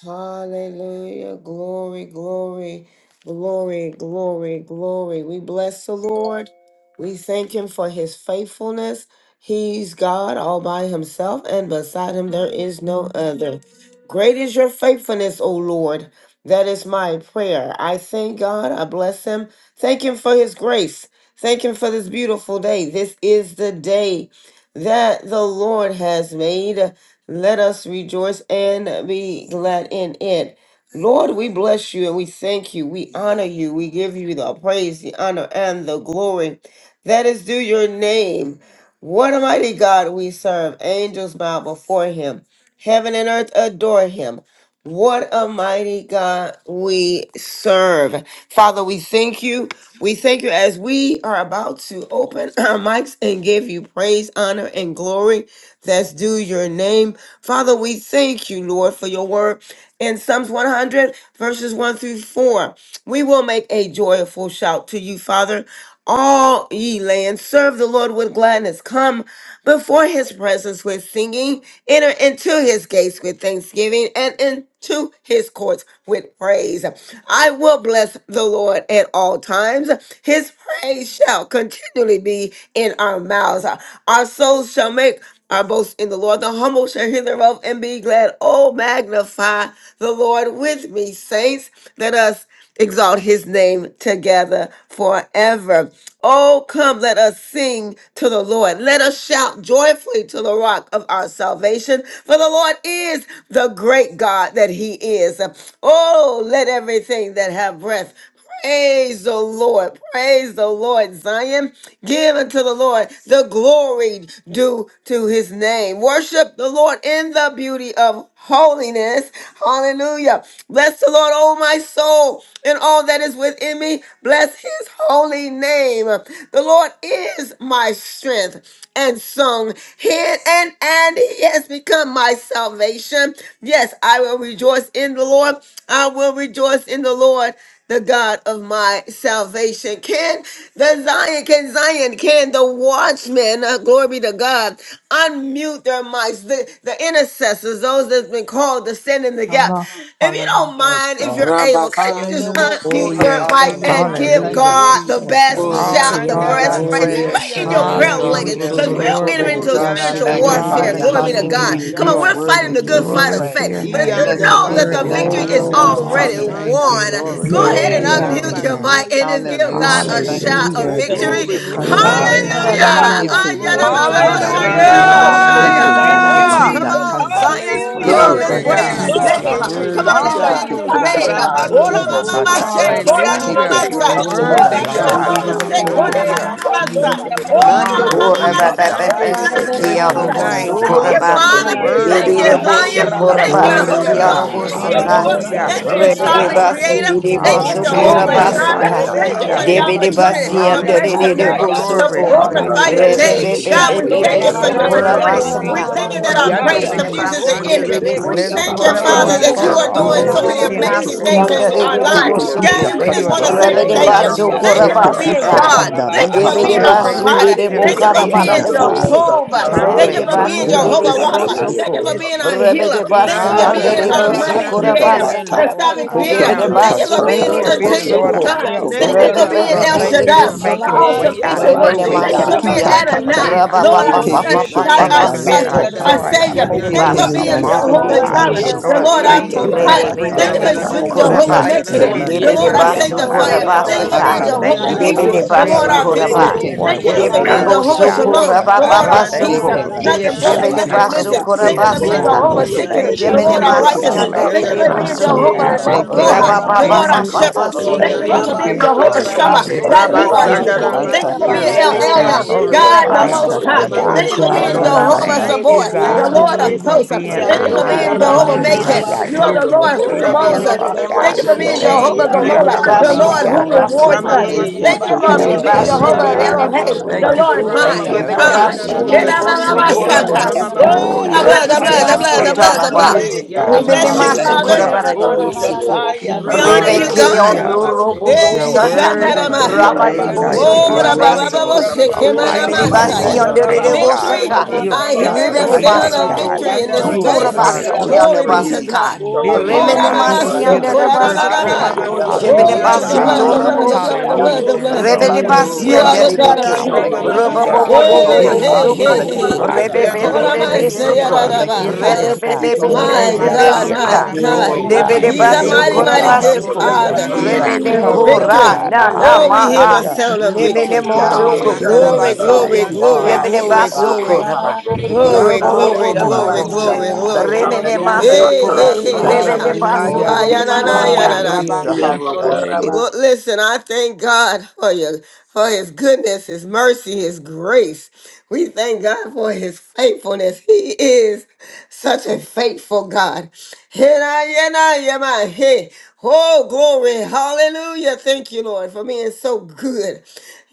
Speaker 1: Hallelujah. Glory, glory, glory, glory, glory. We bless the Lord. We thank him for his faithfulness. He's God all by himself, and beside him there is no other. Great is your faithfulness, O Lord. That is my prayer. I thank God. I bless him. Thank him for his grace. Thank him for this beautiful day. This is the day that the Lord has made. Let us rejoice and be glad in it. Lord, we bless you and we thank you. We honor you. We give you the praise, the honor, and the glory that is due your name. What a mighty God we serve. Angels bow before him, heaven and earth adore him. What a mighty God we serve. Father, we thank you. We thank you as we are about to open our mics and give you praise, honor, and glory that's due your name. Father, we thank you, Lord, for your word. In Psalms 100, verses 1 through 4, we will make a joyful shout to you, Father. All ye lands, serve the Lord with gladness. Come before his presence with singing, enter into his gates with thanksgiving and into his courts with praise. I will bless the Lord at all times. His praise shall continually be in our mouths. Our souls shall make our boast in the Lord. The humble shall hear thereof and be glad. Oh, magnify the Lord with me, saints. Let us exalt his name together forever. Oh, come, let us sing to the Lord. Let us shout joyfully to the rock of our salvation, for the Lord is the great God that he is. Oh, let everything that have breath Praise the Lord. Praise the Lord, Zion. Give unto the Lord the glory due to his name. Worship the Lord in the beauty of holiness. Hallelujah. Bless the Lord, O my soul, and all that is within me. Bless his holy name. The Lord is my strength and song. hid and and he has become my salvation yes i will rejoice in the lord i will rejoice in the lord the God of my salvation. Can the Zion, can Zion, can the watchmen, uh, glory be to God, unmute their mics, the, the intercessors, those that's been called to stand in the gap.
Speaker 2: Amen.
Speaker 1: If you
Speaker 2: Hallelujah.
Speaker 1: don't
Speaker 3: Yes,
Speaker 1: mind, if you're
Speaker 3: God.
Speaker 1: able, can you
Speaker 4: Rabasanda
Speaker 1: just
Speaker 2: Hallelujah.
Speaker 3: Oh,
Speaker 4: Bosori
Speaker 1: unmute your
Speaker 3: yes,
Speaker 1: mic
Speaker 4: Andana
Speaker 3: Lord.
Speaker 1: and
Speaker 2: Hallelujah.
Speaker 3: We
Speaker 1: give
Speaker 2: Thank
Speaker 3: love
Speaker 2: you,
Speaker 5: Hallelujah.
Speaker 3: our
Speaker 4: Maseke
Speaker 1: God the
Speaker 3: soul,
Speaker 2: Jesus.
Speaker 1: best
Speaker 3: God.
Speaker 6: Glory to
Speaker 1: shout,
Speaker 6: your
Speaker 1: the
Speaker 4: Imanda
Speaker 2: God,
Speaker 6: name,
Speaker 1: best
Speaker 2: I
Speaker 5: Hallelujah.
Speaker 3: Oh,
Speaker 1: praise?
Speaker 6: Jesus.
Speaker 2: praise you.
Speaker 4: Bashori
Speaker 1: right
Speaker 6: Bless
Speaker 3: yes,
Speaker 6: your
Speaker 1: in your
Speaker 3: Lord. We
Speaker 6: name,
Speaker 1: prayer
Speaker 3: give
Speaker 6: God.
Speaker 3: you
Speaker 1: language
Speaker 4: Andarabase
Speaker 5: Hallelujah.
Speaker 1: because we're
Speaker 3: praise,
Speaker 1: entering
Speaker 3: Lord.
Speaker 5: Glory.
Speaker 1: into a
Speaker 2: God, I
Speaker 1: spiritual
Speaker 4: Oriandara
Speaker 7: Thank
Speaker 2: magnify
Speaker 1: warfare.
Speaker 3: Reba
Speaker 2: you.
Speaker 1: Glory
Speaker 4: Maseto
Speaker 1: be to
Speaker 3: soko
Speaker 4: Robo
Speaker 1: God.
Speaker 5: Hallelujah.
Speaker 2: Hallelujah.
Speaker 1: Come
Speaker 2: You
Speaker 1: on,
Speaker 2: are
Speaker 1: we're
Speaker 3: didiya
Speaker 1: fighting
Speaker 2: worthy
Speaker 1: the
Speaker 2: to
Speaker 1: good
Speaker 4: Shandaramaki
Speaker 3: soto,
Speaker 2: be
Speaker 1: fight
Speaker 5: Glory
Speaker 1: of
Speaker 3: Yes,
Speaker 5: to
Speaker 2: praised.
Speaker 5: your
Speaker 1: faith.
Speaker 3: God.
Speaker 1: But if
Speaker 5: name.
Speaker 1: you
Speaker 5: You're
Speaker 4: Ianda
Speaker 2: Blessed
Speaker 1: know
Speaker 2: be
Speaker 1: that
Speaker 2: the
Speaker 1: the
Speaker 5: worthy,
Speaker 3: Oh,
Speaker 2: name
Speaker 4: basori
Speaker 1: victory
Speaker 2: of
Speaker 5: Father.
Speaker 2: the
Speaker 1: is
Speaker 4: anda
Speaker 3: Lord,
Speaker 5: You're
Speaker 3: we
Speaker 4: la
Speaker 2: Lord.
Speaker 3: say
Speaker 1: already
Speaker 3: thank
Speaker 1: won,
Speaker 5: marvelous.
Speaker 2: Hallelujah.
Speaker 4: mashanda.
Speaker 3: you.
Speaker 1: on.
Speaker 2: Glory,
Speaker 3: Oh,
Speaker 1: Go
Speaker 5: You're
Speaker 1: ahead
Speaker 8: Yeah,
Speaker 2: glory,
Speaker 1: and
Speaker 4: Hey,
Speaker 8: God.
Speaker 2: glory.
Speaker 1: unmute
Speaker 5: amazing,
Speaker 4: yamba
Speaker 1: your
Speaker 3: Shaddai.
Speaker 5: God.
Speaker 1: mic
Speaker 6: Shikiri
Speaker 4: sori
Speaker 1: and just
Speaker 4: anda la
Speaker 1: give God
Speaker 2: Hallelujah.
Speaker 1: a
Speaker 4: bashe.
Speaker 3: Oh,
Speaker 2: Thank you,
Speaker 1: shout of
Speaker 4: Oh,
Speaker 5: Hallelujah.
Speaker 2: Jesus.
Speaker 8: Thank
Speaker 3: glory.
Speaker 1: victory.
Speaker 8: you,
Speaker 4: glory,
Speaker 8: Jesus.
Speaker 2: Hoshokanda
Speaker 4: glory,
Speaker 3: Oh,
Speaker 5: Glory.
Speaker 2: lata.
Speaker 9: Da da
Speaker 4: glory,
Speaker 9: da
Speaker 3: Shaddai.
Speaker 1: Hallelujah.
Speaker 9: da
Speaker 8: Hallelujah.
Speaker 9: da ba.
Speaker 4: glory,
Speaker 5: Hallelujah.
Speaker 1: Ah,
Speaker 2: Heke
Speaker 1: yada,
Speaker 4: glory.
Speaker 1: ba,
Speaker 8: Glory.
Speaker 9: Shake
Speaker 1: ba, ba,
Speaker 9: da. da
Speaker 2: mantokunda
Speaker 9: da da
Speaker 1: shande,
Speaker 9: da
Speaker 1: da,
Speaker 2: kunda.
Speaker 9: da
Speaker 1: bo,
Speaker 8: Hallelujah.
Speaker 9: ba.
Speaker 4: Rabasanda
Speaker 9: Soto
Speaker 6: Hallelujah.
Speaker 4: la
Speaker 1: shaya.
Speaker 2: Heke
Speaker 9: da. da
Speaker 8: Thank
Speaker 9: da
Speaker 6: Glory
Speaker 9: da
Speaker 8: you,
Speaker 6: to
Speaker 1: Oh,
Speaker 4: mashete.
Speaker 6: your
Speaker 5: Hallelujah.
Speaker 1: come
Speaker 2: mantokunda
Speaker 8: Jesus.
Speaker 6: name,
Speaker 1: on,
Speaker 2: kanda.
Speaker 1: Zion.
Speaker 6: Jesus.
Speaker 1: Come
Speaker 6: Bless
Speaker 8: Hallelujah.
Speaker 6: your
Speaker 10: Yellow
Speaker 4: Hallelujah,
Speaker 3: Oh,
Speaker 1: on,
Speaker 2: Heke
Speaker 5: Glory
Speaker 1: let's
Speaker 5: to
Speaker 6: name,
Speaker 1: praise
Speaker 5: God.
Speaker 1: his
Speaker 3: Shaddai.
Speaker 2: batokunda
Speaker 6: Jesus.
Speaker 4: hallelujah,
Speaker 6: Your
Speaker 1: name.
Speaker 8: Glory.
Speaker 2: lata.
Speaker 1: Come
Speaker 6: word,
Speaker 1: on,
Speaker 8: Yes,
Speaker 6: to
Speaker 1: let's
Speaker 4: hallelujah.
Speaker 6: God.
Speaker 1: bless
Speaker 8: God.
Speaker 2: Keke
Speaker 1: his
Speaker 8: Ha,
Speaker 5: Hallelujah.
Speaker 10: Chandalo
Speaker 6: Your
Speaker 1: name.
Speaker 2: kitukundo
Speaker 1: Ora,
Speaker 8: yabaso.
Speaker 6: word
Speaker 1: ba,
Speaker 2: kumba
Speaker 1: ba,
Speaker 6: to
Speaker 1: ba,
Speaker 6: your
Speaker 1: she,
Speaker 2: mataka.
Speaker 8: Oh,
Speaker 4: Ramasotoriande
Speaker 6: praise,
Speaker 1: kora, la,
Speaker 8: yando,
Speaker 1: la,
Speaker 5: Hallelujah.
Speaker 2: Heke
Speaker 1: ba,
Speaker 4: beshande.
Speaker 1: sa.
Speaker 5: You're
Speaker 8: yarebendi,
Speaker 2: butukunda
Speaker 1: Ora,
Speaker 5: worthy,
Speaker 3: Oh,
Speaker 1: la,
Speaker 8: yabaso,
Speaker 1: la,
Speaker 2: lata.
Speaker 1: ba,
Speaker 5: God.
Speaker 8: ya.
Speaker 4: Ianda
Speaker 1: ba, she, kora,
Speaker 4: basanda
Speaker 8: Iye,
Speaker 1: la, la,
Speaker 5: Hallelujah.
Speaker 1: la, ba,
Speaker 8: siando,
Speaker 4: rabaki.
Speaker 1: sa.
Speaker 8: yababande,
Speaker 1: Ora,
Speaker 4: Mando
Speaker 1: la, la,
Speaker 8: yere,
Speaker 1: ba, ba,
Speaker 5: Hallelujah.
Speaker 11: Uraba
Speaker 12: Yeah.
Speaker 1: she,
Speaker 2: Ikebutokunda,
Speaker 11: baba
Speaker 8: yasonde,
Speaker 1: kora,
Speaker 4: boshikande
Speaker 1: la,
Speaker 4: de
Speaker 1: la,
Speaker 8: yere,
Speaker 11: basi
Speaker 1: la,
Speaker 5: Bless
Speaker 4: rabasa.
Speaker 1: la,
Speaker 5: your
Speaker 11: kiaro
Speaker 1: ba,
Speaker 8: yabando,
Speaker 1: sa.
Speaker 5: name,
Speaker 11: bosu
Speaker 8: ya.
Speaker 3: Shaddai.
Speaker 1: Thank you,
Speaker 5: Father.
Speaker 2: ikebutokundabata,
Speaker 11: koraba.
Speaker 5: You
Speaker 4: Romosi
Speaker 5: are
Speaker 8: Undi
Speaker 1: Father.
Speaker 4: ande
Speaker 1: Thank
Speaker 5: worthy.
Speaker 8: esiti
Speaker 1: you,
Speaker 11: Bidira
Speaker 8: yando,
Speaker 1: Zion.
Speaker 11: bosu
Speaker 4: rabashande.
Speaker 1: Thank
Speaker 11: koraba
Speaker 1: you,
Speaker 2: ikebutokundalata,
Speaker 11: si
Speaker 8: yarabasaya.
Speaker 5: Glory
Speaker 3: Ori
Speaker 4: Yanda
Speaker 5: to
Speaker 1: Holy
Speaker 11: kiaro
Speaker 1: Ghost.
Speaker 5: God.
Speaker 2: tuko
Speaker 1: Thank
Speaker 11: bosu
Speaker 4: bakeya
Speaker 1: you,
Speaker 3: basata
Speaker 2: tuko
Speaker 8: Ishiando,
Speaker 1: Lord.
Speaker 3: ria
Speaker 2: tuko
Speaker 5: Hallelujah.
Speaker 4: bosata.
Speaker 1: Thank you, you,
Speaker 8: yarebendi,
Speaker 2: tuko
Speaker 3: basata.
Speaker 11: Rebe de
Speaker 1: sovereign
Speaker 2: tuko
Speaker 8: yabaso.
Speaker 11: basin
Speaker 1: creator.
Speaker 2: tuko,
Speaker 11: bidi
Speaker 4: Ramaseki.
Speaker 1: Thank you,
Speaker 11: bosu
Speaker 8: Uta
Speaker 4: No
Speaker 3: Ori
Speaker 1: Jehovah
Speaker 11: koraba
Speaker 5: Hallelujah.
Speaker 3: ria
Speaker 8: yamando,
Speaker 1: Jireh.
Speaker 11: saka.
Speaker 8: yarebe,
Speaker 4: moshotori
Speaker 1: Thank you
Speaker 3: basata
Speaker 1: for
Speaker 5: Hallelujah.
Speaker 1: the
Speaker 2: ikebutokundalatuko,
Speaker 3: ria
Speaker 11: Debe
Speaker 4: andeme.
Speaker 8: yabaso,
Speaker 11: de
Speaker 8: ya.
Speaker 3: Holy
Speaker 1: opportunity
Speaker 11: basi
Speaker 1: to
Speaker 4: Yanda
Speaker 11: andere
Speaker 1: bless your
Speaker 4: baki.
Speaker 11: de
Speaker 5: Hallelujah.
Speaker 2: okobutokunda
Speaker 1: name,
Speaker 11: bosu
Speaker 8: Ikatayando
Speaker 5: Glory.
Speaker 1: to
Speaker 11: ko.
Speaker 4: Nando
Speaker 1: glorify
Speaker 3: Ori
Speaker 1: your
Speaker 5: Hallelujah.
Speaker 8: yarabase.
Speaker 11: Rebe
Speaker 1: name.
Speaker 2: Heke
Speaker 4: Bosataya.
Speaker 6: God.
Speaker 11: bebe
Speaker 1: God,
Speaker 3: basata
Speaker 1: we
Speaker 2: buto
Speaker 8: Yando
Speaker 11: bebe
Speaker 1: thank
Speaker 3: ria
Speaker 1: you
Speaker 2: kunda
Speaker 1: for
Speaker 5: You're
Speaker 11: besu
Speaker 6: Thank
Speaker 4: Eya
Speaker 1: your
Speaker 2: tuka
Speaker 8: yere
Speaker 9: da
Speaker 3: basata.
Speaker 9: que
Speaker 5: worthy.
Speaker 11: koraba
Speaker 2: buto
Speaker 1: anointing.
Speaker 8: yamando
Speaker 11: saka.
Speaker 1: We
Speaker 5: Thank
Speaker 2: kunda.
Speaker 4: Basoyanda.
Speaker 5: you,
Speaker 9: alarara
Speaker 1: thank you that
Speaker 5: Lord.
Speaker 1: our
Speaker 9: de
Speaker 2: Hiko
Speaker 4: Yando
Speaker 11: You're
Speaker 1: praise
Speaker 8: yorobosaya.
Speaker 11: the
Speaker 2: tuka
Speaker 9: rabasa.
Speaker 1: confuses
Speaker 11: boss
Speaker 1: the
Speaker 11: and
Speaker 2: tuka
Speaker 8: Ote
Speaker 4: Boshikanda
Speaker 11: they
Speaker 1: enemy.
Speaker 11: did a
Speaker 2: tunga
Speaker 1: We
Speaker 8: yereki
Speaker 4: Rabase.
Speaker 5: Bless
Speaker 11: bosso
Speaker 5: the
Speaker 2: tuka,
Speaker 1: thank you,
Speaker 5: Lord, oh my
Speaker 1: Father,
Speaker 9: Alabasta,
Speaker 2: Being
Speaker 8: yababasoya.
Speaker 1: that you
Speaker 4: Eyanda
Speaker 5: soul,
Speaker 11: corabasaka.
Speaker 5: and
Speaker 1: are
Speaker 10: Mosata,
Speaker 5: all
Speaker 2: comfortable in
Speaker 1: doing
Speaker 5: that
Speaker 10: Yellow
Speaker 5: is
Speaker 1: so
Speaker 11: You're
Speaker 4: Rabakeyo.
Speaker 1: many
Speaker 8: Oh,
Speaker 11: the
Speaker 5: within me.
Speaker 2: Hashokuto
Speaker 10: Bossy,
Speaker 11: mass
Speaker 1: amazing
Speaker 8: yes,
Speaker 5: Bless
Speaker 1: things
Speaker 4: Robo
Speaker 11: and
Speaker 2: kunda.
Speaker 5: your
Speaker 1: in
Speaker 11: they
Speaker 8: yando
Speaker 11: did
Speaker 1: our
Speaker 5: holy
Speaker 11: a
Speaker 1: lives.
Speaker 2: Heke
Speaker 5: name.
Speaker 10: Yellow
Speaker 11: bosso.
Speaker 1: God,
Speaker 2: busha
Speaker 8: yarabase.
Speaker 1: and
Speaker 4: Sotoriande.
Speaker 5: For
Speaker 1: we
Speaker 10: Bosita,
Speaker 5: you
Speaker 1: just
Speaker 5: are
Speaker 2: kata
Speaker 1: want to
Speaker 10: Yellow
Speaker 5: good
Speaker 1: say
Speaker 2: kanda
Speaker 11: Rebbe
Speaker 8: Yando
Speaker 5: and
Speaker 11: de
Speaker 4: Yande
Speaker 5: your
Speaker 4: Yande
Speaker 1: thank
Speaker 2: lata.
Speaker 1: you.
Speaker 8: shandi
Speaker 11: basso
Speaker 5: mercy
Speaker 3: Ori
Speaker 4: Beke
Speaker 10: Bosandalo
Speaker 1: Thank you
Speaker 5: enduring
Speaker 3: basata
Speaker 1: for
Speaker 2: Heke
Speaker 8: yasete
Speaker 4: Shanda
Speaker 1: being
Speaker 2: busha
Speaker 8: yando
Speaker 10: Mosata,
Speaker 11: corabasaka.
Speaker 4: Rabahi.
Speaker 5: forever.
Speaker 1: God.
Speaker 10: Yellow
Speaker 2: kanda la
Speaker 1: Thank you
Speaker 2: ha
Speaker 8: yarabahaya.
Speaker 1: for
Speaker 11: Debe
Speaker 5: From
Speaker 2: ha
Speaker 11: de
Speaker 1: being
Speaker 10: Bosita,
Speaker 2: ha
Speaker 4: Nomo
Speaker 1: our
Speaker 2: ha
Speaker 11: basso
Speaker 2: ha.
Speaker 11: and
Speaker 5: generations to
Speaker 1: provider.
Speaker 11: did a
Speaker 8: Ote
Speaker 4: Sataya
Speaker 1: Thank
Speaker 4: ba
Speaker 1: you
Speaker 2: Hosha
Speaker 3: Ori
Speaker 8: yereki
Speaker 1: for
Speaker 4: Robo
Speaker 11: bocarabana
Speaker 5: generations,
Speaker 2: kunda
Speaker 1: being
Speaker 11: de
Speaker 10: Candelo
Speaker 5: God.
Speaker 8: yabaso.
Speaker 2: lata
Speaker 4: Steke.
Speaker 11: bosse.
Speaker 10: Mosata,
Speaker 2: kanda
Speaker 1: Jehovah.
Speaker 8: Oh,
Speaker 11: Rebbe
Speaker 1: Thank
Speaker 10: Yellow
Speaker 2: taka.
Speaker 1: you
Speaker 11: de
Speaker 1: for
Speaker 4: Ramasi
Speaker 1: being
Speaker 11: basso
Speaker 4: anda
Speaker 11: and
Speaker 5: Hallelujah.
Speaker 2: Oh
Speaker 8: yamamando
Speaker 10: Bosita,
Speaker 11: they
Speaker 1: Jehovah
Speaker 11: did a
Speaker 2: yes
Speaker 4: rabakori
Speaker 2: Lord,
Speaker 1: Rapha.
Speaker 10: Yellow
Speaker 11: bosso.
Speaker 2: yes
Speaker 4: anda
Speaker 8: yarabandi
Speaker 1: Thank you for
Speaker 2: Lord. I
Speaker 1: being
Speaker 2: feel
Speaker 4: Rabashe.
Speaker 8: esi.
Speaker 1: our
Speaker 10: Bosandalo
Speaker 2: the
Speaker 11: Rebbe
Speaker 1: healer.
Speaker 11: de
Speaker 2: weight
Speaker 1: Thank
Speaker 2: over
Speaker 1: you
Speaker 2: my
Speaker 11: bassi
Speaker 10: Mosata,
Speaker 4: Manda
Speaker 1: for
Speaker 11: under
Speaker 8: Ikando
Speaker 1: being
Speaker 10: Yellow
Speaker 11: a
Speaker 2: mind.
Speaker 1: our
Speaker 5: Hallelujah.
Speaker 2: Hosha
Speaker 11: bosso
Speaker 1: mighty
Speaker 10: Bosita,
Speaker 5: Thank you
Speaker 4: Rabasorianda
Speaker 5: for
Speaker 2: kunda
Speaker 8: yarabasete
Speaker 1: creator
Speaker 5: being
Speaker 8: yali
Speaker 5: the
Speaker 2: lata.
Speaker 4: Rabase.
Speaker 1: the
Speaker 11: corabasaka.
Speaker 5: Lord
Speaker 1: sovereign
Speaker 5: our
Speaker 11: Shebe
Speaker 8: yabasoya.
Speaker 1: creator.
Speaker 2: Hoko
Speaker 11: de
Speaker 4: Yando
Speaker 5: banner.
Speaker 10: Candelo
Speaker 1: Thank
Speaker 2: tuka
Speaker 4: Robo
Speaker 1: you for being
Speaker 5: Thank
Speaker 2: taka
Speaker 5: you
Speaker 10: Mosata,
Speaker 1: the
Speaker 5: for
Speaker 11: Debe
Speaker 8: Oh,
Speaker 2: taka
Speaker 5: being the
Speaker 4: Sorianda
Speaker 10: Yellow
Speaker 2: tuko
Speaker 1: untangible
Speaker 5: Lord
Speaker 8: yes,
Speaker 5: our
Speaker 2: tuko.
Speaker 1: God.
Speaker 10: Bosita,
Speaker 5: help,
Speaker 2: ko
Speaker 11: Yorobasundebedebosoko,
Speaker 10: Yellow Bosandalo Mosata, Yellow Bosita, Yellow
Speaker 8: yando
Speaker 1: Thank you
Speaker 5: God.
Speaker 4: Mende de
Speaker 1: for
Speaker 4: robo
Speaker 2: come
Speaker 1: being
Speaker 5: Lord,
Speaker 1: El
Speaker 8: yarabasa.
Speaker 2: against the
Speaker 5: thank
Speaker 10: Bosandalo
Speaker 5: you
Speaker 4: sanda de
Speaker 1: Shaddai,
Speaker 5: for
Speaker 2: spirit
Speaker 1: the
Speaker 2: of
Speaker 5: making
Speaker 10: Mosata,
Speaker 4: rabaki
Speaker 5: a
Speaker 11: Yemenemasiyandadedebosoko,
Speaker 1: all
Speaker 8: Eh,
Speaker 5: way
Speaker 2: bondage.
Speaker 11: Rebedebasokorabasakai, Ndebedebasundedebokarabaradebose, Rebedebasundedebosoko, Rebedebasiyandadebosoko, Shebedebasundedebosoko, Rebebebebebebesoko,
Speaker 5: out of
Speaker 1: sufficient
Speaker 4: shotor
Speaker 1: one.
Speaker 5: no
Speaker 8: yababado
Speaker 5: way,
Speaker 1: Thank you
Speaker 5: God.
Speaker 4: robo
Speaker 1: for being
Speaker 5: Lord,
Speaker 2: Shekikita
Speaker 11: Remenemasikia,
Speaker 5: thank you
Speaker 4: sianda
Speaker 8: yarabasi.
Speaker 5: for
Speaker 2: kata.
Speaker 1: Adonai,
Speaker 5: being our
Speaker 4: ramaki.
Speaker 1: Lord, our,
Speaker 8: Oh,
Speaker 2: Heke
Speaker 1: sa-
Speaker 5: peace.
Speaker 2: busho
Speaker 1: our,
Speaker 8: niesi
Speaker 4: Manda
Speaker 5: Thank you
Speaker 1: our,
Speaker 2: kunda
Speaker 5: for being
Speaker 1: our,
Speaker 8: ande
Speaker 5: our
Speaker 2: lata
Speaker 11: Rabababababababasoko,
Speaker 4: ramasanda
Speaker 1: our
Speaker 5: joy
Speaker 2: kanda.
Speaker 8: yarehe
Speaker 5: and our
Speaker 1: Savior.
Speaker 4: rabakori
Speaker 11: Shibidi
Speaker 5: hope
Speaker 4: anda
Speaker 1: Thank you
Speaker 2: Heke
Speaker 5: for
Speaker 1: for
Speaker 8: abasoya.
Speaker 4: rabas.
Speaker 11: basi
Speaker 1: being
Speaker 11: and
Speaker 2: busho
Speaker 11: baby
Speaker 5: tomorrow,
Speaker 3: basata
Speaker 1: Jehovah
Speaker 2: kunda
Speaker 11: baby
Speaker 8: Oh,
Speaker 5: God.
Speaker 3: ria
Speaker 10: Yellow
Speaker 1: Jireh,
Speaker 2: lata.
Speaker 1: the
Speaker 8: niesi
Speaker 5: Lord,
Speaker 11: busuku.
Speaker 1: Lord,
Speaker 10: Bosita,
Speaker 1: our
Speaker 5: thank
Speaker 8: kiando
Speaker 2: Heke
Speaker 5: you
Speaker 4: Eh.
Speaker 10: Yellow
Speaker 5: for
Speaker 13: Thank
Speaker 11: Rebe
Speaker 5: being a
Speaker 2: bada
Speaker 1: provider.
Speaker 11: baby
Speaker 5: bridge
Speaker 1: Thank you
Speaker 8: yarabasaya.
Speaker 5: over
Speaker 2: kanda
Speaker 4: Yanda
Speaker 1: for
Speaker 11: baby
Speaker 1: being
Speaker 5: terrible
Speaker 2: taka.
Speaker 4: rabasori
Speaker 5: water.
Speaker 10: Mosata,
Speaker 1: Jehovah
Speaker 11: sukuraba.
Speaker 4: anda
Speaker 5: Thank you for
Speaker 2: Heke
Speaker 1: Mekadesh,
Speaker 8: Oh,
Speaker 3: basata.
Speaker 5: being a
Speaker 1: the
Speaker 2: manda
Speaker 4: rabasek.
Speaker 11: Dibidi
Speaker 1: Lord, our
Speaker 5: shelter
Speaker 8: niesi
Speaker 2: koko
Speaker 5: in
Speaker 11: basu
Speaker 8: amando
Speaker 5: time
Speaker 2: manda.
Speaker 5: of
Speaker 1: sanctifier.
Speaker 4: Yanda
Speaker 1: Thank you
Speaker 5: storm.
Speaker 1: for
Speaker 4: rabo
Speaker 11: kurabasaka.
Speaker 1: being
Speaker 2: Haka
Speaker 8: yarabasaya.
Speaker 4: sori
Speaker 5: Thank
Speaker 13: you.
Speaker 1: Jehovah
Speaker 5: you
Speaker 2: manda
Speaker 4: anda
Speaker 5: for
Speaker 1: Nissi,
Speaker 8: Oh,
Speaker 5: being
Speaker 11: Dibidi
Speaker 1: the
Speaker 4: rabasek.
Speaker 2: kabashi.
Speaker 5: bread
Speaker 1: Lord,
Speaker 11: basu
Speaker 5: when
Speaker 1: our
Speaker 5: we're
Speaker 10: Yellow
Speaker 8: tayabasete
Speaker 1: victory.
Speaker 5: hungry,
Speaker 11: kuraba.
Speaker 4: Robo
Speaker 2: Heke
Speaker 5: water
Speaker 1: Thank
Speaker 4: sori
Speaker 1: you,
Speaker 5: when
Speaker 10: Bosita,
Speaker 2: basho
Speaker 5: we're
Speaker 1: Lord,
Speaker 4: anda
Speaker 1: for
Speaker 10: Yellow
Speaker 11: Dibidi
Speaker 1: being
Speaker 8: yandiese.
Speaker 2: kuba
Speaker 5: thirsty,
Speaker 1: Jehovah
Speaker 2: yeke
Speaker 5: God.
Speaker 4: ramashek.
Speaker 8: o
Speaker 10: Bosandalo
Speaker 1: Shalom,
Speaker 11: busukuraba
Speaker 1: the
Speaker 2: bataka.
Speaker 1: Lord
Speaker 10: Mosata.
Speaker 5: Lord,
Speaker 8: shakaya
Speaker 11: papa
Speaker 1: our
Speaker 4: Yanda
Speaker 5: thank
Speaker 8: ando
Speaker 1: peace.
Speaker 5: you
Speaker 1: uh,
Speaker 11: suku.
Speaker 2: Heke
Speaker 5: for
Speaker 4: ramasori
Speaker 5: being
Speaker 1: Nothing
Speaker 2: bashike
Speaker 8: yarebendi
Speaker 5: a
Speaker 4: anda
Speaker 1: broken,
Speaker 3: Shit,
Speaker 11: Shibidi
Speaker 3: I'm
Speaker 5: shield
Speaker 1: nothing
Speaker 4: rabas.
Speaker 2: botuku
Speaker 3: not
Speaker 5: of
Speaker 11: basu
Speaker 1: missing.
Speaker 8: abasoya.
Speaker 3: even
Speaker 1: Thank you
Speaker 3: saying
Speaker 2: mateke.
Speaker 1: for
Speaker 5: protection,
Speaker 10: Hallelujah.
Speaker 1: being
Speaker 3: things
Speaker 11: kurabasaka.
Speaker 4: Mando
Speaker 5: God.
Speaker 8: Oh,
Speaker 3: I'm
Speaker 4: bo
Speaker 1: Jehovah
Speaker 5: Lord,
Speaker 3: not
Speaker 2: Oko
Speaker 3: saying.
Speaker 1: Sikkenu,
Speaker 4: shande
Speaker 5: thank
Speaker 8: niesi
Speaker 4: de
Speaker 5: you
Speaker 1: the
Speaker 5: for
Speaker 2: bateke
Speaker 11: Yemene
Speaker 8: ando
Speaker 1: Lord
Speaker 5: being
Speaker 1: our
Speaker 4: rabaki.
Speaker 5: our
Speaker 11: masi
Speaker 2: botuko
Speaker 1: righteousness.
Speaker 5: battle axe
Speaker 11: andere
Speaker 1: Thank
Speaker 8: yarabasaya.
Speaker 4: Yanda
Speaker 1: you
Speaker 5: in a
Speaker 2: bataka
Speaker 1: for
Speaker 3: But I
Speaker 11: debo
Speaker 4: rabo
Speaker 1: being
Speaker 5: time
Speaker 2: bata.
Speaker 3: still
Speaker 5: of
Speaker 4: sori
Speaker 11: soko.
Speaker 8: Eh,
Speaker 1: Jehovah
Speaker 4: anda
Speaker 5: battle.
Speaker 1: Ro-
Speaker 3: appreciate the
Speaker 8: amando
Speaker 2: Heke
Speaker 9: La
Speaker 5: Thank
Speaker 1: Roha,
Speaker 9: la
Speaker 5: you
Speaker 4: ramasek.
Speaker 11: Reba
Speaker 3: fact
Speaker 2: basho
Speaker 5: for
Speaker 11: ba
Speaker 3: that
Speaker 1: the
Speaker 3: you
Speaker 5: being
Speaker 11: ba
Speaker 1: Lord
Speaker 5: our
Speaker 1: our
Speaker 11: ba
Speaker 8: yarabasi.
Speaker 11: ba
Speaker 4: Robo
Speaker 11: ba
Speaker 1: shepherd.
Speaker 5: comforter.
Speaker 4: sori
Speaker 1: Thank
Speaker 5: Thank
Speaker 11: soko.
Speaker 1: you,
Speaker 5: you
Speaker 4: anda
Speaker 1: Lord, for
Speaker 5: for
Speaker 2: kubata.
Speaker 1: being
Speaker 5: being
Speaker 4: ramasek.
Speaker 8: Ikiamando
Speaker 1: Jehovah
Speaker 5: our
Speaker 11: Yemene
Speaker 10: Shandalomo
Speaker 1: Shammah.
Speaker 5: leaning
Speaker 11: basu
Speaker 2: Ashakama
Speaker 5: post,
Speaker 1: God,
Speaker 8: yarabasete
Speaker 11: kora
Speaker 5: an
Speaker 1: you
Speaker 10: Satire,
Speaker 2: shaka.
Speaker 1: are
Speaker 3: see
Speaker 5: ear
Speaker 10: Lobo
Speaker 4: Rabasanda
Speaker 3: me.
Speaker 5: to
Speaker 1: here.
Speaker 11: basaka.
Speaker 5: knee,
Speaker 1: Thank
Speaker 8: yababasoya.
Speaker 1: you
Speaker 10: Sita,
Speaker 1: for
Speaker 4: Ramaseke
Speaker 1: being
Speaker 2: Asakama
Speaker 5: ear
Speaker 1: El
Speaker 11: Rebe de
Speaker 5: and
Speaker 1: Elyon,
Speaker 2: shakamata.
Speaker 11: basu
Speaker 4: Yanaramoso.
Speaker 5: shoulder to
Speaker 11: kora
Speaker 8: Ondiesi
Speaker 1: God the
Speaker 5: cry on,
Speaker 1: Most
Speaker 14: Share
Speaker 11: basako.
Speaker 8: andonde
Speaker 5: Father
Speaker 14: that
Speaker 1: High.
Speaker 2: Ashakama.
Speaker 14: my
Speaker 4: Ramama
Speaker 3: Oh
Speaker 5: God.
Speaker 1: Thank
Speaker 14: body
Speaker 1: you for
Speaker 8: yerehi
Speaker 3: God, we
Speaker 1: being
Speaker 11: Yemene
Speaker 14: today.
Speaker 5: Lord,
Speaker 3: love
Speaker 14: Say
Speaker 4: Soryandaraba.
Speaker 11: basu
Speaker 1: Jehovah
Speaker 2: Asasaka.
Speaker 8: yabasoya.
Speaker 5: thank
Speaker 3: you.
Speaker 4: Thank
Speaker 5: you,
Speaker 11: andere
Speaker 4: you,
Speaker 1: Sabaoth,
Speaker 11: debo
Speaker 1: the
Speaker 4: thank
Speaker 5: God,
Speaker 4: you,
Speaker 1: Lord
Speaker 11: soko.
Speaker 1: of
Speaker 4: thank
Speaker 2: Asakama
Speaker 4: you.
Speaker 5: for
Speaker 8: Ondiesi
Speaker 1: hosts.
Speaker 5: being
Speaker 2: shakama.
Speaker 1: Thank
Speaker 5: our
Speaker 1: you
Speaker 11: Rebe
Speaker 4: Thank
Speaker 1: for
Speaker 8: kiando
Speaker 4: you,
Speaker 11: be
Speaker 5: eyes
Speaker 6: you.
Speaker 11: be
Speaker 1: being
Speaker 5: when
Speaker 11: be
Speaker 4: Lord.
Speaker 5: we
Speaker 3: Kore
Speaker 1: Jehovah
Speaker 11: be
Speaker 5: couldn't
Speaker 8: yarabandi
Speaker 11: be
Speaker 1: Mekhe.
Speaker 11: be
Speaker 2: Esesekema
Speaker 5: see,
Speaker 4: Thank you,
Speaker 5: our
Speaker 1: You
Speaker 3: Masi,
Speaker 1: are
Speaker 8: abaso
Speaker 11: soko.
Speaker 1: the
Speaker 5: ears
Speaker 4: Father.
Speaker 2: shakama
Speaker 5: when we
Speaker 1: Lord who
Speaker 5: couldn't
Speaker 8: Ota
Speaker 4: Rama
Speaker 11: Rebe
Speaker 1: mows
Speaker 5: hear,
Speaker 2: shakamasha.
Speaker 11: be
Speaker 1: us.
Speaker 5: Father
Speaker 11: yemene
Speaker 5: God.
Speaker 1: Thank you
Speaker 8: yamamasonde
Speaker 1: for being
Speaker 11: masuko.
Speaker 4: Soryandaramase.
Speaker 8: yerehi
Speaker 5: Thank
Speaker 1: Jehovah
Speaker 2: Esesekema
Speaker 5: you,
Speaker 4: Thank
Speaker 11: Yemene
Speaker 1: Gamola,
Speaker 4: you,
Speaker 5: God,
Speaker 8: yamando
Speaker 14: it
Speaker 5: for
Speaker 4: Lord
Speaker 1: the
Speaker 14: is
Speaker 2: shakama
Speaker 11: basu
Speaker 5: leading,
Speaker 14: God
Speaker 1: Lord
Speaker 4: Jesus.
Speaker 11: kora
Speaker 1: who
Speaker 14: damn
Speaker 5: guiding
Speaker 8: yarabasi.
Speaker 2: shaka.
Speaker 5: us and
Speaker 14: us.
Speaker 1: rewards
Speaker 11: basaka.
Speaker 1: us.
Speaker 5: directing
Speaker 4: Ramama
Speaker 5: us
Speaker 8: E
Speaker 1: Thank
Speaker 5: into
Speaker 1: you, Lord, for
Speaker 3: Hey,
Speaker 11: Shibidi
Speaker 2: Esesekema
Speaker 5: all
Speaker 8: yabasonde
Speaker 1: being
Speaker 14: Hallelujah.
Speaker 5: truth,
Speaker 11: basun
Speaker 2: shakama
Speaker 11: de
Speaker 1: Jehovah
Speaker 8: yerehi
Speaker 3: Shatala,
Speaker 5: God.
Speaker 11: de
Speaker 4: Soryandaramasandarabu
Speaker 11: de
Speaker 1: Elohim,
Speaker 4: Sorya.
Speaker 8: yabaso.
Speaker 2: shakapata.
Speaker 1: the
Speaker 5: Thank
Speaker 11: bosoko.
Speaker 5: you for
Speaker 1: Lord
Speaker 8: O
Speaker 1: my
Speaker 2: Thank
Speaker 5: saving
Speaker 1: God.
Speaker 2: you,
Speaker 4: Rababa
Speaker 5: us.
Speaker 11: Shibidi
Speaker 2: Lord.
Speaker 5: Thank you
Speaker 8: shakaya
Speaker 5: for
Speaker 11: basun
Speaker 8: ndo
Speaker 11: de de
Speaker 5: healing
Speaker 2: Heshakana
Speaker 5: us.
Speaker 4: Soryandaramasanda.
Speaker 5: Thank
Speaker 2: kata
Speaker 8: yarebendi
Speaker 10: Yellow
Speaker 11: bosoko
Speaker 5: you for
Speaker 10: Lobo,
Speaker 2: kamana
Speaker 14: Thank
Speaker 5: delivering
Speaker 11: rabasun.
Speaker 8: yabasoya.
Speaker 4: Ramama
Speaker 5: us,
Speaker 14: you,
Speaker 2: kata.
Speaker 3: Oh
Speaker 14: Lord
Speaker 10: Shandalomo
Speaker 5: God.
Speaker 1: Oh,
Speaker 14: Jesus.
Speaker 3: yes,
Speaker 1: the
Speaker 11: Ribidi
Speaker 8: Ota
Speaker 1: blood,
Speaker 3: Lord,
Speaker 5: Thank
Speaker 10: Satire,
Speaker 1: the
Speaker 2: Ekeba
Speaker 1: blood, the
Speaker 3: we
Speaker 5: you for
Speaker 1: blood,
Speaker 3: can
Speaker 11: basun
Speaker 14: Go
Speaker 1: the
Speaker 5: your
Speaker 4: Soryandaramasheke.
Speaker 1: blood,
Speaker 3: see
Speaker 14: share
Speaker 2: shakata.
Speaker 1: the
Speaker 8: yamamasonde
Speaker 14: that
Speaker 11: taraba.
Speaker 1: blood.
Speaker 3: to
Speaker 2: Thank
Speaker 4: Eh,
Speaker 3: us.
Speaker 2: you,
Speaker 5: provision,
Speaker 8: yerehi
Speaker 1: We
Speaker 5: God.
Speaker 2: Lord.
Speaker 11: Ribidi
Speaker 7: Thank
Speaker 1: bless
Speaker 10: Yellow
Speaker 7: you,
Speaker 1: you,
Speaker 4: Yandorobo
Speaker 2: Thank
Speaker 11: masu
Speaker 2: you
Speaker 8: yamandoya.
Speaker 7: Lord.
Speaker 10: Robo,
Speaker 2: for
Speaker 1: Father.
Speaker 5: Hallelujah.
Speaker 2: being
Speaker 11: kurabara
Speaker 2: my
Speaker 11: de
Speaker 8: Oh,
Speaker 7: Lord.
Speaker 2: Jehovah
Speaker 4: Soryandaramasika.
Speaker 10: Yellow
Speaker 11: bosiki.
Speaker 8: Shatai
Speaker 1: We
Speaker 8: ando
Speaker 1: honor
Speaker 4: Ramama
Speaker 1: you,
Speaker 8: yarebe
Speaker 10: Robo,
Speaker 11: Ribeke
Speaker 2: Jireh,
Speaker 3: Yes,
Speaker 1: God.
Speaker 2: Lord.
Speaker 3: we
Speaker 5: Hallelujah.
Speaker 7: Thank
Speaker 2: Thank you,
Speaker 11: onuro
Speaker 8: yababaso.
Speaker 2: Lord.
Speaker 4: Sandaramasete.
Speaker 3: can
Speaker 11: bobo
Speaker 5: You're
Speaker 3: see
Speaker 1: Hey,
Speaker 7: you,
Speaker 11: sata.
Speaker 3: to
Speaker 2: Thank you,
Speaker 8: Iki
Speaker 3: us.
Speaker 7: thank
Speaker 5: worthy
Speaker 7: you,
Speaker 4: Ramama
Speaker 2: Lord.
Speaker 5: to
Speaker 8: ando
Speaker 5: be
Speaker 2: You are
Speaker 1: Shandaramahai.
Speaker 11: Raba
Speaker 4: Sete
Speaker 11: de
Speaker 5: praised,
Speaker 2: worthy,
Speaker 5: God.
Speaker 2: Lord.
Speaker 8: yarabasete
Speaker 5: You're
Speaker 11: bosoko
Speaker 4: Yandarabo
Speaker 1: Oh,
Speaker 2: You are
Speaker 1: la
Speaker 4: Sorya.
Speaker 1: blah,
Speaker 2: worthy,
Speaker 1: blah, blah,
Speaker 8: yandiaso.
Speaker 1: blah,
Speaker 2: Lord.
Speaker 11: rabasuku.
Speaker 5: amazing. You
Speaker 4: Ramama
Speaker 5: are
Speaker 8: Oh,
Speaker 7: thank
Speaker 5: mighty.
Speaker 2: Blessed
Speaker 11: Shimini
Speaker 2: be
Speaker 5: You are
Speaker 2: the
Speaker 4: Siandarabo
Speaker 8: yababando
Speaker 11: basi
Speaker 1: Shekemanamashaya.
Speaker 2: name
Speaker 7: you,
Speaker 4: Sorya.
Speaker 2: of
Speaker 11: andere
Speaker 2: the
Speaker 11: de de de
Speaker 5: almighty,
Speaker 2: Lord.
Speaker 8: yarabasi.
Speaker 5: God.
Speaker 1: Victory.
Speaker 11: bosakaya.
Speaker 2: Hallelujah,
Speaker 5: You are
Speaker 9: la
Speaker 1: I
Speaker 8: Iki
Speaker 2: Lord.
Speaker 4: Ramamasanda
Speaker 5: self
Speaker 1: hear the
Speaker 8: ando
Speaker 11: Ribidi
Speaker 2: I
Speaker 9: la
Speaker 2: give
Speaker 1: sound
Speaker 5: sufficient,
Speaker 4: Rabaseke,
Speaker 1: of
Speaker 2: you
Speaker 8: yarandi
Speaker 5: God.
Speaker 11: basuto.
Speaker 7: thank
Speaker 2: glory,
Speaker 1: victory
Speaker 9: la
Speaker 1: in
Speaker 2: Lord.
Speaker 7: you,
Speaker 2: I
Speaker 1: this
Speaker 5: You
Speaker 8: asonde
Speaker 5: are
Speaker 4: Yandarabo
Speaker 2: give
Speaker 5: the
Speaker 2: you
Speaker 7: thank
Speaker 1: place.
Speaker 7: you,
Speaker 8: yere
Speaker 5: one and
Speaker 2: honor. I
Speaker 4: Sorianda
Speaker 11: Tukurabasiki
Speaker 2: give
Speaker 5: only
Speaker 2: you
Speaker 11: on the
Speaker 1: Glory
Speaker 8: yabaso.
Speaker 1: be
Speaker 5: true
Speaker 4: Rabas,
Speaker 1: to
Speaker 2: praise.
Speaker 11: basakai.
Speaker 1: God.
Speaker 8: Oh,
Speaker 5: living
Speaker 1: Oh, la,
Speaker 11: Remini
Speaker 2: Hallelujah.
Speaker 4: Yandara
Speaker 5: God.
Speaker 1: blah, blah,
Speaker 7: Lord.
Speaker 11: masi
Speaker 2: Nobody
Speaker 8: yababasoya.
Speaker 5: You're
Speaker 2: can
Speaker 5: the
Speaker 4: Ramasete,
Speaker 11: andere
Speaker 2: love us
Speaker 9: Thank
Speaker 2: like
Speaker 5: perfect
Speaker 8: Ay
Speaker 2: you
Speaker 11: basuko.
Speaker 2: can
Speaker 1: Sokorananamai.
Speaker 5: God.
Speaker 8: ando
Speaker 2: love us,
Speaker 8: yere
Speaker 4: Ramamasoto
Speaker 11: Shebede
Speaker 2: Lord.
Speaker 1: Oh,
Speaker 4: Rianda
Speaker 1: the
Speaker 11: basu
Speaker 2: I
Speaker 8: yamando
Speaker 5: Hallelujah.
Speaker 1: blood, the
Speaker 2: honor
Speaker 4: Rabas,
Speaker 2: you
Speaker 1: blood,
Speaker 8: yarebe
Speaker 11: torobo
Speaker 1: the blood,
Speaker 2: today.
Speaker 1: the
Speaker 2: I
Speaker 11: soko.
Speaker 1: blood,
Speaker 5: Hallelujah.
Speaker 1: the
Speaker 4: Robo
Speaker 2: lift
Speaker 5: There
Speaker 8: yasoya.
Speaker 5: is
Speaker 2: you
Speaker 1: blood.
Speaker 2: up.
Speaker 5: no
Speaker 2: I
Speaker 11: Rebede
Speaker 4: Sorianda
Speaker 5: one
Speaker 8: Un
Speaker 14: Thank
Speaker 11: basi
Speaker 1: You
Speaker 14: you,
Speaker 2: glorify
Speaker 1: are
Speaker 4: Ramase,
Speaker 5: greater
Speaker 1: the
Speaker 2: you.
Speaker 5: or
Speaker 11: andere
Speaker 14: Jesus.
Speaker 2: I
Speaker 5: more
Speaker 8: yesiki
Speaker 1: God of
Speaker 11: beke.
Speaker 8: ando
Speaker 1: truth.
Speaker 2: thank
Speaker 5: powerful
Speaker 2: you for
Speaker 5: than
Speaker 14: Thank
Speaker 5: you,
Speaker 11: Robo
Speaker 14: you,
Speaker 2: being
Speaker 8: yarabasi.
Speaker 11: bo
Speaker 2: our
Speaker 5: God.
Speaker 11: bo
Speaker 14: Jesus.
Speaker 4: Ramamasoto
Speaker 11: bo bo
Speaker 1: Hey,
Speaker 4: Rianda
Speaker 5: You're
Speaker 2: Jehovah
Speaker 11: bo
Speaker 1: hey,
Speaker 3: Oh,
Speaker 2: Rapha.
Speaker 8: Está
Speaker 4: Ramase,
Speaker 1: hey,
Speaker 3: yes,
Speaker 2: Thank
Speaker 11: soko.
Speaker 6: Thank
Speaker 2: you
Speaker 7: Thank you, thank
Speaker 5: omnipotent,
Speaker 2: for
Speaker 7: you,
Speaker 1: hey.
Speaker 8: llamando
Speaker 5: God.
Speaker 2: being our
Speaker 11: Rebe
Speaker 5: You're
Speaker 8: la
Speaker 11: be
Speaker 3: Satan.
Speaker 1: Oh,
Speaker 11: be
Speaker 4: Yandara
Speaker 1: la,
Speaker 11: be
Speaker 2: Jehovah
Speaker 1: man,
Speaker 11: be
Speaker 8: rebeldía.
Speaker 7: thank you,
Speaker 5: omnipresent.
Speaker 1: say,
Speaker 2: Nisi.
Speaker 1: ya,
Speaker 5: You're
Speaker 8: so.
Speaker 11: soko.
Speaker 1: da,
Speaker 4: Rabasorianda
Speaker 1: da,
Speaker 2: Thank you
Speaker 1: bah,
Speaker 2: for
Speaker 8: Y
Speaker 1: ha,
Speaker 4: Rabashe,
Speaker 2: being
Speaker 8: a
Speaker 11: Rebe
Speaker 5: omniscient,
Speaker 1: ya.
Speaker 2: our
Speaker 11: be
Speaker 5: God.
Speaker 11: be
Speaker 8: donde
Speaker 3: Oh,
Speaker 11: be be
Speaker 3: your
Speaker 2: Jehovah
Speaker 11: be
Speaker 8: llegué,
Speaker 5: Thank
Speaker 2: uh,
Speaker 3: body
Speaker 1: My
Speaker 11: be
Speaker 5: you
Speaker 8: ya
Speaker 3: is
Speaker 5: for
Speaker 11: be
Speaker 1: God,
Speaker 2: Jireh.
Speaker 3: sick,
Speaker 5: being
Speaker 7: thank
Speaker 4: Ramasanda
Speaker 1: my
Speaker 11: saka.
Speaker 3: it's
Speaker 8: basé.
Speaker 5: all
Speaker 2: Thank
Speaker 3: in
Speaker 2: you for
Speaker 3: us.
Speaker 1: God.
Speaker 8: Y
Speaker 5: knowing,
Speaker 2: being
Speaker 8: a
Speaker 2: our
Speaker 5: God.
Speaker 11: Nebede
Speaker 4: Rabashete ya,
Speaker 1: He's
Speaker 8: donde
Speaker 1: a
Speaker 2: Jehovah
Speaker 11: basu
Speaker 5: Thank
Speaker 8: llegué,
Speaker 1: mighty,
Speaker 5: you,
Speaker 11: kora
Speaker 1: mighty
Speaker 8: ya
Speaker 2: Shalom.
Speaker 5: God
Speaker 1: good
Speaker 10: Sandra
Speaker 11: basuko.
Speaker 8: basó
Speaker 7: you,
Speaker 2: Thank
Speaker 10: Romo,
Speaker 2: you
Speaker 5: for
Speaker 2: for
Speaker 3: Oh,
Speaker 8: ya.
Speaker 1: father.
Speaker 4: Orianda
Speaker 2: being
Speaker 5: being
Speaker 3: shit,
Speaker 2: our
Speaker 5: our
Speaker 11: Rebe
Speaker 10: Satire
Speaker 11: de
Speaker 3: come
Speaker 4: Ramasete,
Speaker 8: Oh,
Speaker 7: thank
Speaker 2: Jehovah
Speaker 3: on,
Speaker 10: Robo,
Speaker 8: ya
Speaker 5: covering,
Speaker 11: kora
Speaker 1: Victory.
Speaker 2: Bishop.
Speaker 5: God.
Speaker 3: Lord,
Speaker 11: na
Speaker 2: uh,
Speaker 8: babando,
Speaker 3: yes.
Speaker 11: na
Speaker 8: ya
Speaker 1: Oh, we
Speaker 2: Thank you
Speaker 1: hear
Speaker 8: rabasi.
Speaker 2: for
Speaker 1: the
Speaker 11: maha.
Speaker 5: Hallelujah.
Speaker 2: being
Speaker 1: sound
Speaker 2: our
Speaker 1: of
Speaker 8: Y
Speaker 11: Nemene
Speaker 2: Jehovah
Speaker 1: victory.
Speaker 7: you,
Speaker 8: si
Speaker 11: mo
Speaker 9: you.
Speaker 7: Lord.
Speaker 8: ando,
Speaker 2: Jireh.
Speaker 11: soko.
Speaker 10: Shandalo
Speaker 8: ya
Speaker 14: Yes,
Speaker 4: Yandara
Speaker 3: Oh,
Speaker 14: Lord
Speaker 2: Thank you,
Speaker 1: Glory,
Speaker 5: Hallelujah.
Speaker 3: Satan.
Speaker 8: rabasi,
Speaker 14: Jesus.
Speaker 8: ya
Speaker 2: God.
Speaker 1: glory,
Speaker 2: You
Speaker 8: basó,
Speaker 5: Thank
Speaker 4: Basorianda
Speaker 5: you,
Speaker 2: are
Speaker 3: Oh,
Speaker 1: glory,
Speaker 8: donde
Speaker 2: our
Speaker 5: God,
Speaker 3: so,
Speaker 11: Shebede
Speaker 5: that we are
Speaker 1: glory,
Speaker 8: llegué,
Speaker 4: Ramasete,
Speaker 8: ya
Speaker 11: basu
Speaker 2: provider.
Speaker 1: glory.
Speaker 11: kora
Speaker 2: Ha.
Speaker 5: overcomers
Speaker 11: ba.
Speaker 2: Oh,
Speaker 5: through the
Speaker 14: Yes,
Speaker 2: God,
Speaker 1: Glory,
Speaker 11: Robo
Speaker 2: I
Speaker 4: Yando
Speaker 14: Lord
Speaker 11: bo
Speaker 5: blood
Speaker 8: Oh,
Speaker 14: Jesus.
Speaker 2: thank
Speaker 11: bo
Speaker 1: glory,
Speaker 3: so,
Speaker 5: of
Speaker 2: you,
Speaker 8: ya
Speaker 11: bo bo
Speaker 4: Boshata
Speaker 2: thank
Speaker 1: glory,
Speaker 11: bo
Speaker 2: you,
Speaker 5: Jesus,
Speaker 2: thank
Speaker 11: so.
Speaker 1: glory,
Speaker 8: babasé.
Speaker 4: Rabase,
Speaker 2: you,
Speaker 7: Hallelujah,
Speaker 14: Thank
Speaker 3: yes.
Speaker 5: God.
Speaker 2: thank
Speaker 14: you,
Speaker 1: glory.
Speaker 2: you,
Speaker 11: Remene
Speaker 2: thank
Speaker 14: precious
Speaker 8: Donde
Speaker 2: you,
Speaker 14: Father.
Speaker 2: thank
Speaker 8: es,
Speaker 5: Hallelujah.
Speaker 2: you,
Speaker 4: Yandere
Speaker 1: Hey,
Speaker 11: masuko.
Speaker 8: y
Speaker 2: thank
Speaker 1: hey,
Speaker 2: you,
Speaker 8: ando,
Speaker 1: hey,
Speaker 8: ya
Speaker 2: thank
Speaker 1: hey.
Speaker 11: Rebe
Speaker 2: you.
Speaker 11: de
Speaker 1: Ha.
Speaker 4: Rabasorianda Rabas.
Speaker 11: basu
Speaker 8: rabasaya.
Speaker 6: you.
Speaker 5: Hallelujah.
Speaker 2: Oh,
Speaker 1: Ha, ya,
Speaker 11: kora
Speaker 2: yes,
Speaker 1: na, na,
Speaker 2: God,
Speaker 1: ya,
Speaker 2: I
Speaker 11: basaka.
Speaker 8: Donde
Speaker 1: na,
Speaker 7: hallelujah,
Speaker 1: na.
Speaker 8: es,
Speaker 2: praise
Speaker 5: Hallelujah.
Speaker 4: Rabba
Speaker 2: you.
Speaker 8: y ando,
Speaker 14: Thank
Speaker 8: ya
Speaker 14: you,
Speaker 2: Hallelujah.
Speaker 14: Lord
Speaker 5: Isha.
Speaker 8: rabasaya.
Speaker 1: Lo-
Speaker 14: Jesus.
Speaker 1: Listen, I thank God for you, for his goodness, his mercy, his grace. We thank God for his faithfulness. He is such a faithful God. Hena, yena, yema, he. Oh, glory. Hallelujah. Thank you, Lord, for being so good.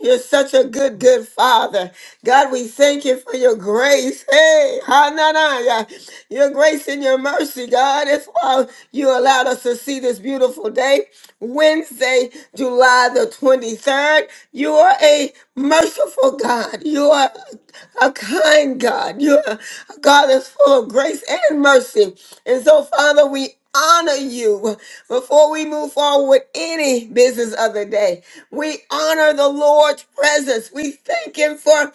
Speaker 1: You're such a good, good father. God, we thank you for your grace. Hey, hananaya. Your grace and your mercy, God. That's why you allowed us to see this beautiful day. Wednesday, July the 23rd. You are a merciful God. You are a kind God. You are a God that's full of grace and mercy. And so, Father, we honor you before we move forward with any business of the day. We honor the Lord's presence. We thank Him for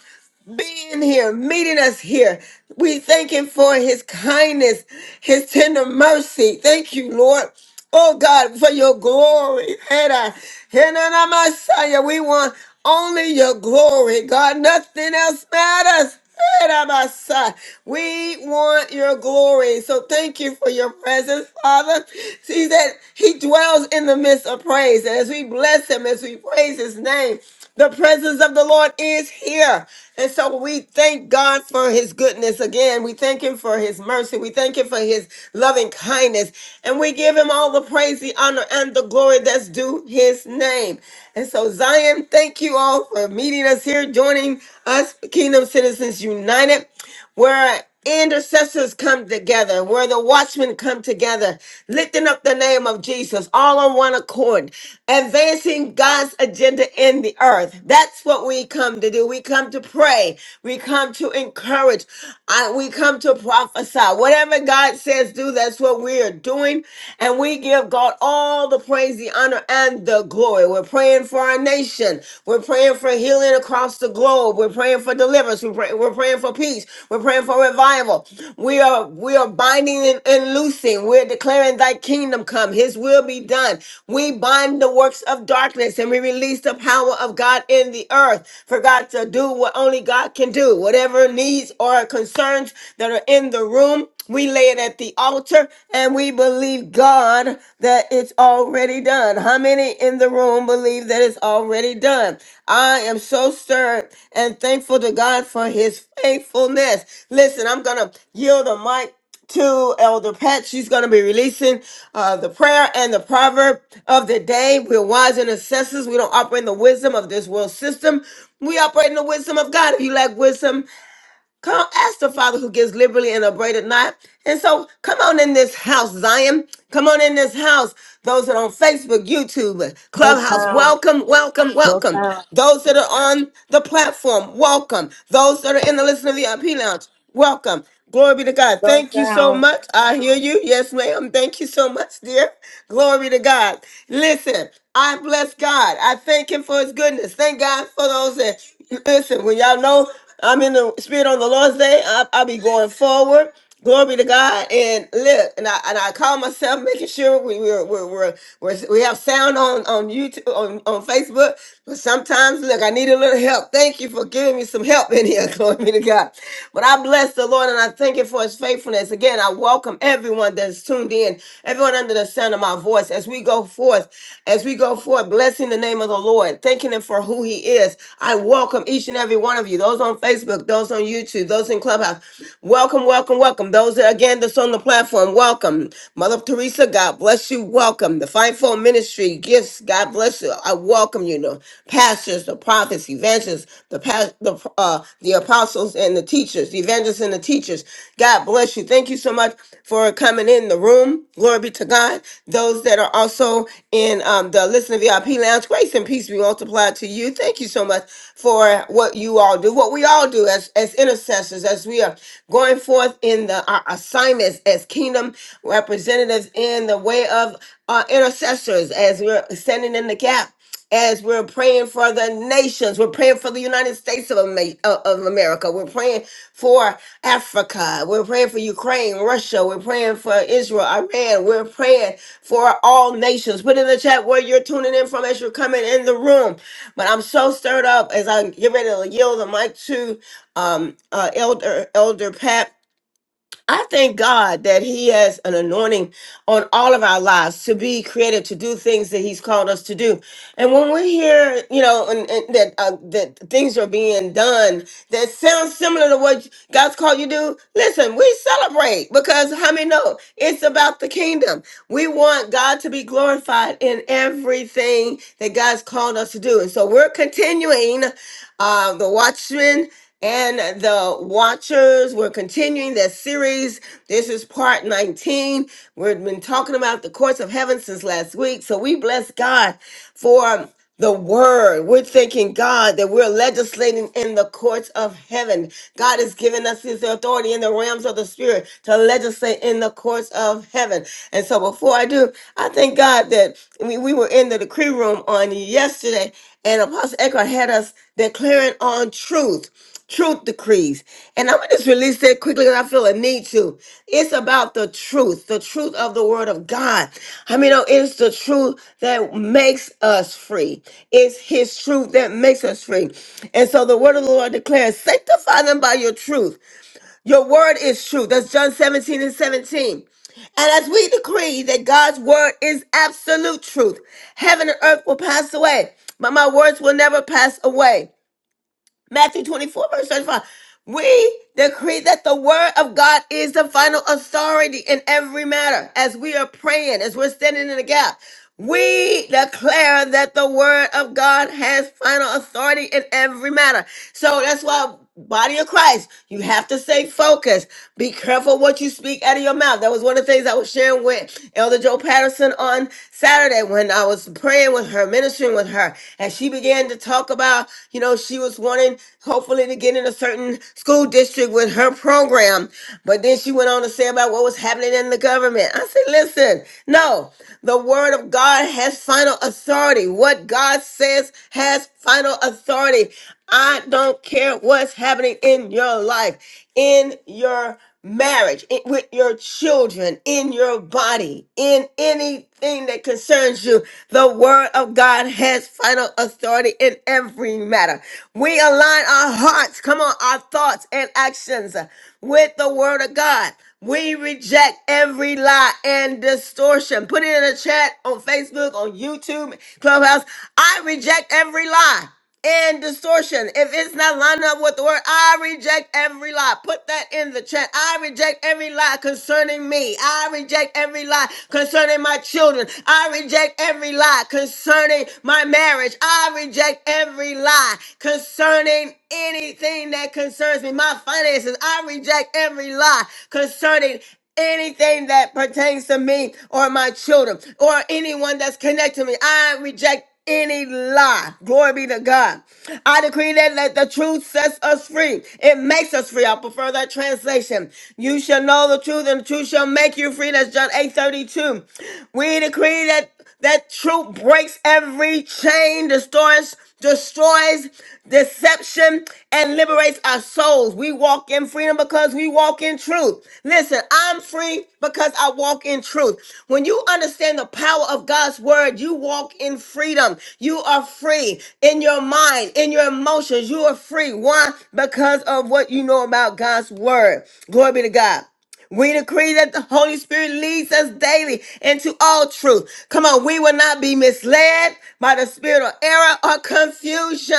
Speaker 1: being here, meeting us here. We thank Him for His kindness, His tender mercy. Thank you, Lord. Oh God, for your glory. Hera, Hera na Messiah, we want only your glory. God, nothing else matters. Hera Messiah, We want your glory. So thank you for your presence, Father. See that He dwells in the midst of praise. And as we bless Him, as we praise His name, the presence of the Lord is here. And so we thank God for his goodness again. We thank him for his mercy. We thank him for his loving kindness. And we give him all the praise, the honor, and the glory that's due his name. And so, Zion, thank you all for meeting us here, joining us, Kingdom Citizens United. where intercessors come together, where the watchmen come together, lifting up the name of Jesus, all on one accord, advancing God's agenda in the earth. That's what we come to do. We come to pray. We come to encourage. I- we come to prophesy. Whatever God says, do, that's what we are doing. And we give God all the praise, the honor, and the glory. We're praying for our nation. We're praying for healing across the globe. We're praying for deliverance. We're, pray- we're praying for peace. We're praying for revival. We are we are binding and, and loosing. We're declaring thy kingdom come. His will be done. We bind the works of darkness and we release the power of God in the earth for God to do what only God can do. Whatever needs or concerns that are in the room. We lay it at the altar and we believe God that it's already done. How many in the room believe that it's already done? I am so stirred and thankful to God for his faithfulness. Listen, I'm going to yield the mic to Elder Pat. She's going to be releasing uh, the prayer and the proverb of the day. We're wise and assessors. We don't operate in the wisdom of this world system. We operate in the wisdom of God. If you lack wisdom, Come ask the Father who gives liberally and abraded not. And so come on in this house, Zion. Come on in this house. Those that are on Facebook, YouTube,
Speaker 15: No
Speaker 1: Clubhouse,
Speaker 15: sound.
Speaker 1: welcome, welcome,
Speaker 15: No
Speaker 1: welcome.
Speaker 15: sound.
Speaker 1: Those that are on the platform, welcome. Those that are in the Listen to the IP Lounge, Welcome. Glory be to God.
Speaker 15: No
Speaker 1: Thank you so
Speaker 15: sound.
Speaker 1: much. I hear you. Yes, ma'am. Thank you so much, dear. Glory to God. Listen, I bless God. I thank Him for His goodness. Thank God for those that listen. When y'all know I'm in the Spirit on the Lord's Day, I, I'll be going forward. Glory to God. And look, and I and I call myself making sure we we're, we're, we're, we're we have sound on on YouTube on, on Facebook. But sometimes look, I need a little help. Thank you for giving me some help in here. Glory be to God. But I bless the Lord and I thank Him for his faithfulness. Again, I welcome everyone that's tuned in, everyone under the sound of my voice as we go forth, as we go forth go forth blessing the name of the Lord, thanking Him for who He is. I welcome each and every one of you, those on Facebook, those on YouTube, those in Clubhouse. Welcome, welcome, welcome. Those that, again that's on the platform, welcome. Mother Teresa, God bless you. Welcome. The Fivefold Ministry gifts, God bless you. I welcome you. The pastors, the prophets, evangelists, the past, the uh, the apostles, and the teachers teachers, the evangelists and the teachers. God bless you. Thank you so much for coming in the room. Glory be to God. Those that are also in um, the Listen VIP Lounge, grace and peace be multiplied to you. Thank you so much for what you all do, what we all do as, as intercessors, as we are going forth in the our assignments as kingdom representatives in the way of uh, intercessors, as we're standing in the gap as we're praying for the nations. We're praying for the United States of, Ama- uh, of America. We're praying for Africa. We're praying for Ukraine, Russia. We're praying for Israel, Iran. We're praying for all nations. Put in the chat where you're tuning in from as you're coming in the room. But I'm so stirred up as I get ready to yield the mic to um, uh, Elder Elder Pat. I thank God that He has an anointing on all of our lives to be creative, to do things that He's called us to do. And when we hear, you know, and, and that uh, that things are being done that sounds similar to what God's called you to do, listen, we celebrate because how many know it's about the kingdom. We want God to be glorified in everything that God's called us to do, and so we're continuing uh, the Watchmen and the Watchers. We're continuing that series. This is part 19. We've been talking about the courts of heaven since last week. So we bless God for the word. We're thanking God that we're legislating in the courts of heaven. God has given us his authority in the realms of the spirit to legislate in the courts of heaven. And so before I do, I thank God that we, we were in the decree room on yesterday and Apostle Eckhart had us declaring on truth truth decrees. And I'm gonna just release that quickly because I feel a need to. It's about the truth, the truth of the word of God. I mean, oh, it's the truth that makes us free. It's his truth that makes us free. And so the word of the Lord declares, sanctify them by your truth. Your word is truth. That's John 17 and 17. And as we decree that God's word is absolute truth, heaven and earth will pass away, but my words will never pass away. Matthew 24, verse 35. We decree that the word of God is the final authority in every matter as we are praying, as we're standing in the gap. We declare that the word of God has final authority in every matter. So that's why body of Christ, you have to stay focused. Be careful what you speak out of your mouth. That was one of the things I was sharing with Elder Joe Patterson on Saturday when I was praying with her, ministering with her. And she began to talk about, you know, she was wanting hopefully to get in a certain school district with her program. But then she went on to say about what was happening in the government. I said, listen, no. The word of God has final authority. What God says has final authority. I don't care what's happening in your life, in your marriage, in- with your children, in your body, in anything that concerns you. The word of God has final authority in every matter. We align our hearts, come on, our thoughts and actions with the word of God. We reject every lie and distortion. Put it in the chat on Facebook, on YouTube, Clubhouse. I reject every lie and distortion. If it's not lined up with the word, I reject every lie. Put that in the chat. I reject every lie concerning me. I reject every lie concerning my children. I reject every lie concerning my marriage. I reject every lie concerning anything that concerns me, my finances. I reject every lie concerning anything that pertains to me or my children or anyone that's connected to me. I reject any lie. Glory be to God. I decree that let the truth sets us free. It makes us free. I prefer that translation. You shall know the truth, and the truth shall make you free. That's John eight thirty two. We decree that that truth breaks every chain, destroys, destroys deception, and liberates our souls. We walk in freedom because we walk in truth. Listen, I'm free because I walk in truth. When you understand the power of God's word, you walk in freedom. You are free in your mind, in your emotions. You are free. Why? Because of what you know about God's word. Glory be to God. We decree that the Holy Spirit leads us daily into all truth. Come on, we will not be misled by the spirit of error or confusion.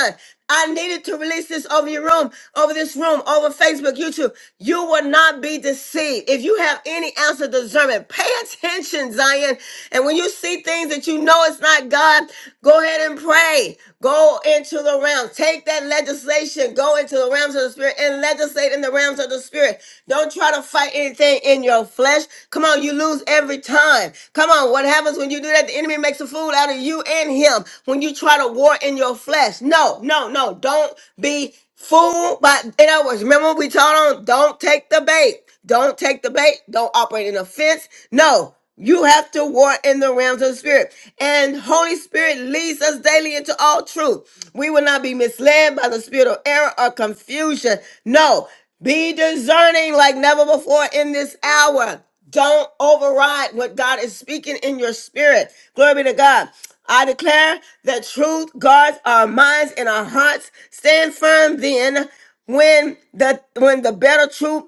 Speaker 1: I needed to release this over your room, over this room, over Facebook, YouTube. You will not be deceived. If you have any ounce of discernment, pay attention, Zion. And when you see things that you know it's not God, go ahead and pray. Go into the realm. Take that let legislation go into the realms of the spirit and legislate in the realms of the spirit. Don't try to fight anything in your flesh. Come on, you lose every time. Come on, what happens when you do that? The enemy makes a fool out of you and him when you try to war in your flesh. No, no, no. Don't be fooled by, in other words, remember we told them, don't take the bait. Don't take the bait. Don't operate in offense. No. You have to war in the realms of the spirit. And Holy Spirit leads us daily into all truth. We will not be misled by the spirit of error or confusion. No, be discerning like never before in this hour. Don't override what God is speaking in your spirit. Glory be to God. I declare that truth guards our minds and our hearts. Stand firm then when the when the better truth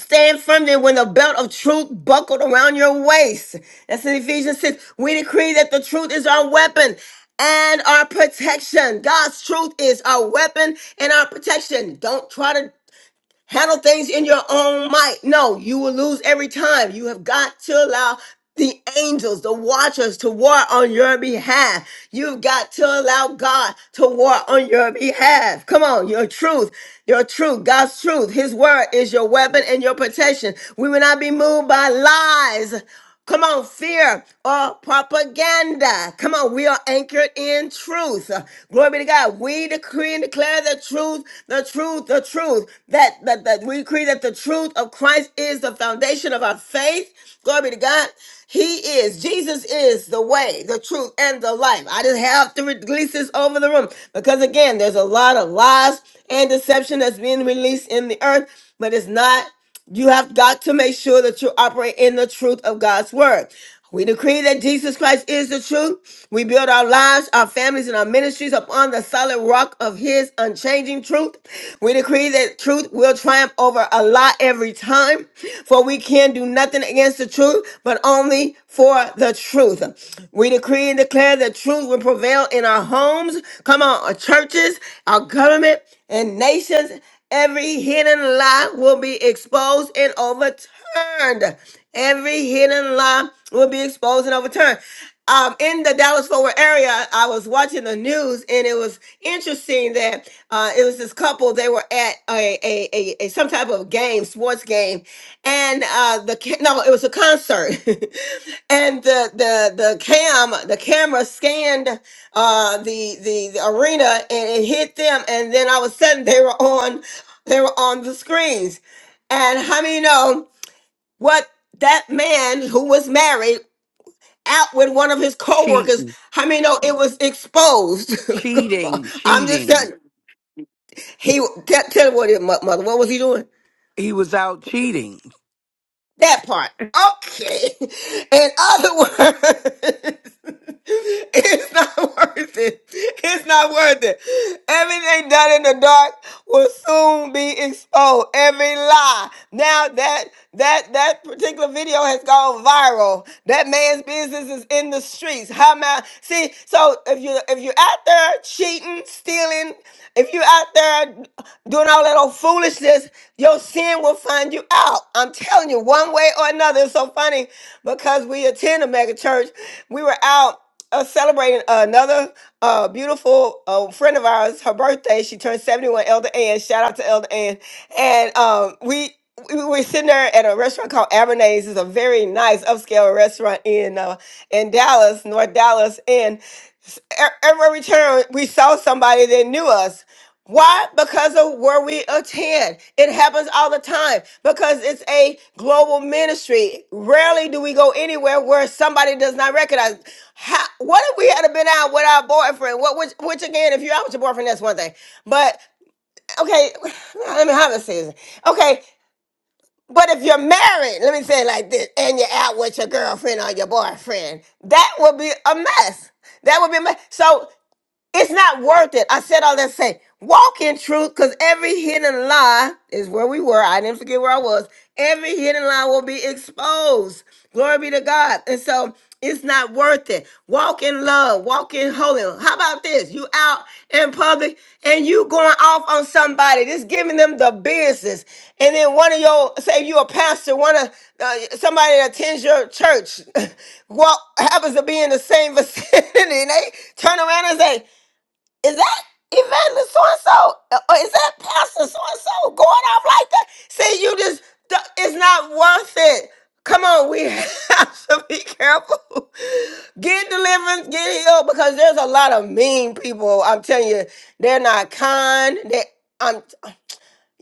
Speaker 1: Stand firm then when the belt of truth buckled around your waist. That's in Ephesians 6. We decree that the truth is our weapon and our protection. God's truth is our weapon and our protection. Don't try to handle things in your own might. No, you will lose every time. You have got to allow the angels, the watchers to war on your behalf. You've got to allow God to war on your behalf. Come on, your truth, your truth, God's truth. His word is your weapon and your protection. We will not be moved by lies Come on, fear or propaganda. Come on, we are anchored in truth. Glory be to God. We decree and declare the truth, the truth, the truth. That, that, that we decree that the truth of Christ is the foundation of our faith. Glory be to God. He is, Jesus is the way, the truth, and the life. I just have to release this over the room because, again, there's a lot of lies and deception that's being released in the earth, but it's not. You have got to make sure that you operate in the truth of God's word. We decree that Jesus Christ is the truth. We build our lives, our families, and our ministries upon the solid rock of his unchanging truth. We decree that truth will triumph over a lie every time, for we can do nothing against the truth, but only for the truth. We decree and declare that truth will prevail in our homes, come on, our churches, our government, and nations Every hidden lie will be exposed and overturned. Every hidden lie will be exposed and overturned. Um, in the Dallas Forward area, I was watching the news and it was interesting that uh, it was this couple. They were at a, a, a, a some type of game, sports game, and uh, the ca- no, it was a concert, and the the the cam the camera scanned uh, the the the arena and it hit them, and then all of a sudden they were on they were on the screens. And how many know what that man who was married out with one of his co-workers,
Speaker 3: cheating,
Speaker 1: how many know it was exposed?
Speaker 3: cheating,
Speaker 1: I'm just
Speaker 3: cheating.
Speaker 1: telling you. He tell, tell what it, mo- mother, what was he doing?
Speaker 3: He was out cheating.
Speaker 1: That part. Okay. In other words, it's not worth it. It's not worth it. Everything done in the dark will soon be exposed. Every lie. Now that that that particular video has gone viral. That man's business is in the streets. How am I? See, so if you if you're out there cheating, stealing, if you're out there doing all that old foolishness, your sin will find you out. I'm telling you, one way or another. It's so funny because we attend a mega church. We were out uh, celebrating another uh, beautiful uh, friend of ours, her birthday. She turned 71, Elder Ann. Shout out to Elder Ann. And um, we we were sitting there at a restaurant called Abernay's. It's a very nice upscale restaurant in uh, in Dallas, North Dallas. And s- e- everywhere we turned, we saw somebody that knew us. Why? Because of where we attend. It happens all the time because it's a global ministry. Rarely do we go anywhere where somebody does not recognize. How, what if we had been out with our boyfriend? What, which, which again, if you're out with your boyfriend, that's one thing. But okay, let me have a season. Okay, but if you're married, let me say it like this, and you're out with your girlfriend or your boyfriend, that would be a mess. That would be a mess. So it's not worth it. I said all that to say, walk in truth, because every hidden lie is where we were. I didn't forget where I was. Every hidden lie will be exposed. Glory be to God. And so it's not worth it. Walk in love, walk in holiness. How about this? You out in public and you going off on somebody, just giving them the business. And then one of your, say you a pastor, one of uh, somebody that attends your church, well, happens to be in the same vicinity, and they turn around and say, is that evangelist so and so? Or is that pastor so and so going off like that? See, you just, th- it's not worth it. Come on, we have to be careful. Get deliverance, get healed, because there's a lot of mean people. I'm telling you, they're not kind. They, I'm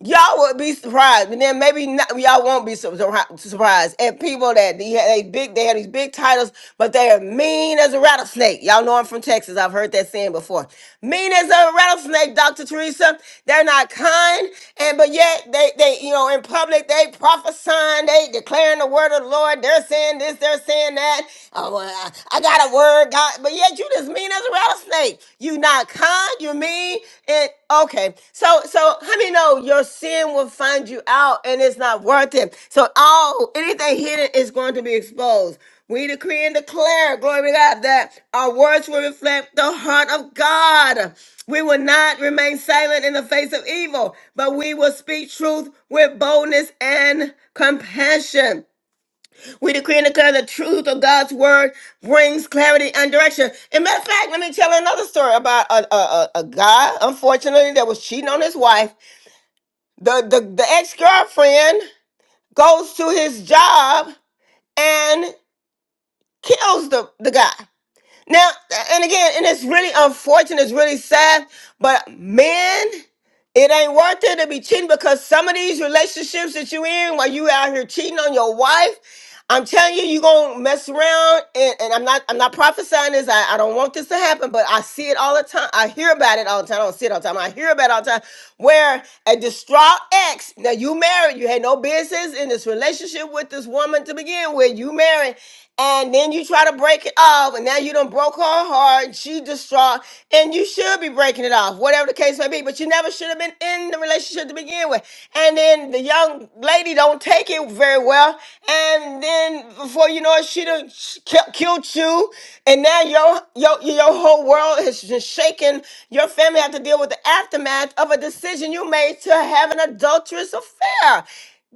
Speaker 1: y'all would be surprised, but then maybe not, y'all won't be sur- surri- surprised at people that they, ha- they big. They have these big titles, but they are mean as a rattlesnake. Y'all know I'm from Texas. I've heard that saying before. Mean as a rattlesnake, Dr. Teresa. They're not kind, and but yet they they you know in public they prophesying, they declaring the word of the Lord. They're saying this, they're saying that. Oh, well, I, I got a word, God, but yet you just mean clean as a rattlesnake. You not kind, you mean it okay. So so how many know your sin will find you out and it's not worth it. So all anything hidden is going to be exposed. We decree and declare, glory to God, that our words will reflect the heart of God. We will not remain silent in the face of evil, but we will speak truth with boldness and compassion. We decree and declare the truth of God's word brings clarity and direction. And matter of fact, let me tell you another story about a, a, a, a guy, unfortunately, that was cheating on his wife. The, the, the ex girlfriend goes to his job and kills the, the guy. Now, and again, and it's really unfortunate, it's really sad, but men, it ain't worth it to be cheating because some of these relationships that you in while you out here cheating on your wife, I'm telling you, you gonna mess around and, and I'm not I'm not prophesying this. I, I don't want this to happen, but I see it all the time. I hear about it all the time. I don't see it all the time. I hear about it all the time. Where a distraught ex, now you married, you had no business in this relationship with this woman to begin with. You married and then you try to break it off, and now you done broke her heart, and she distraught, and you should be breaking it off, whatever the case may be. But you never should have been in the relationship to begin with. And then the young lady don't take it very well, and then before you know it, she done ki- killed you, and now your your your whole world is just shaken. Your family have to deal with the aftermath of a decision you made to have an adulterous affair.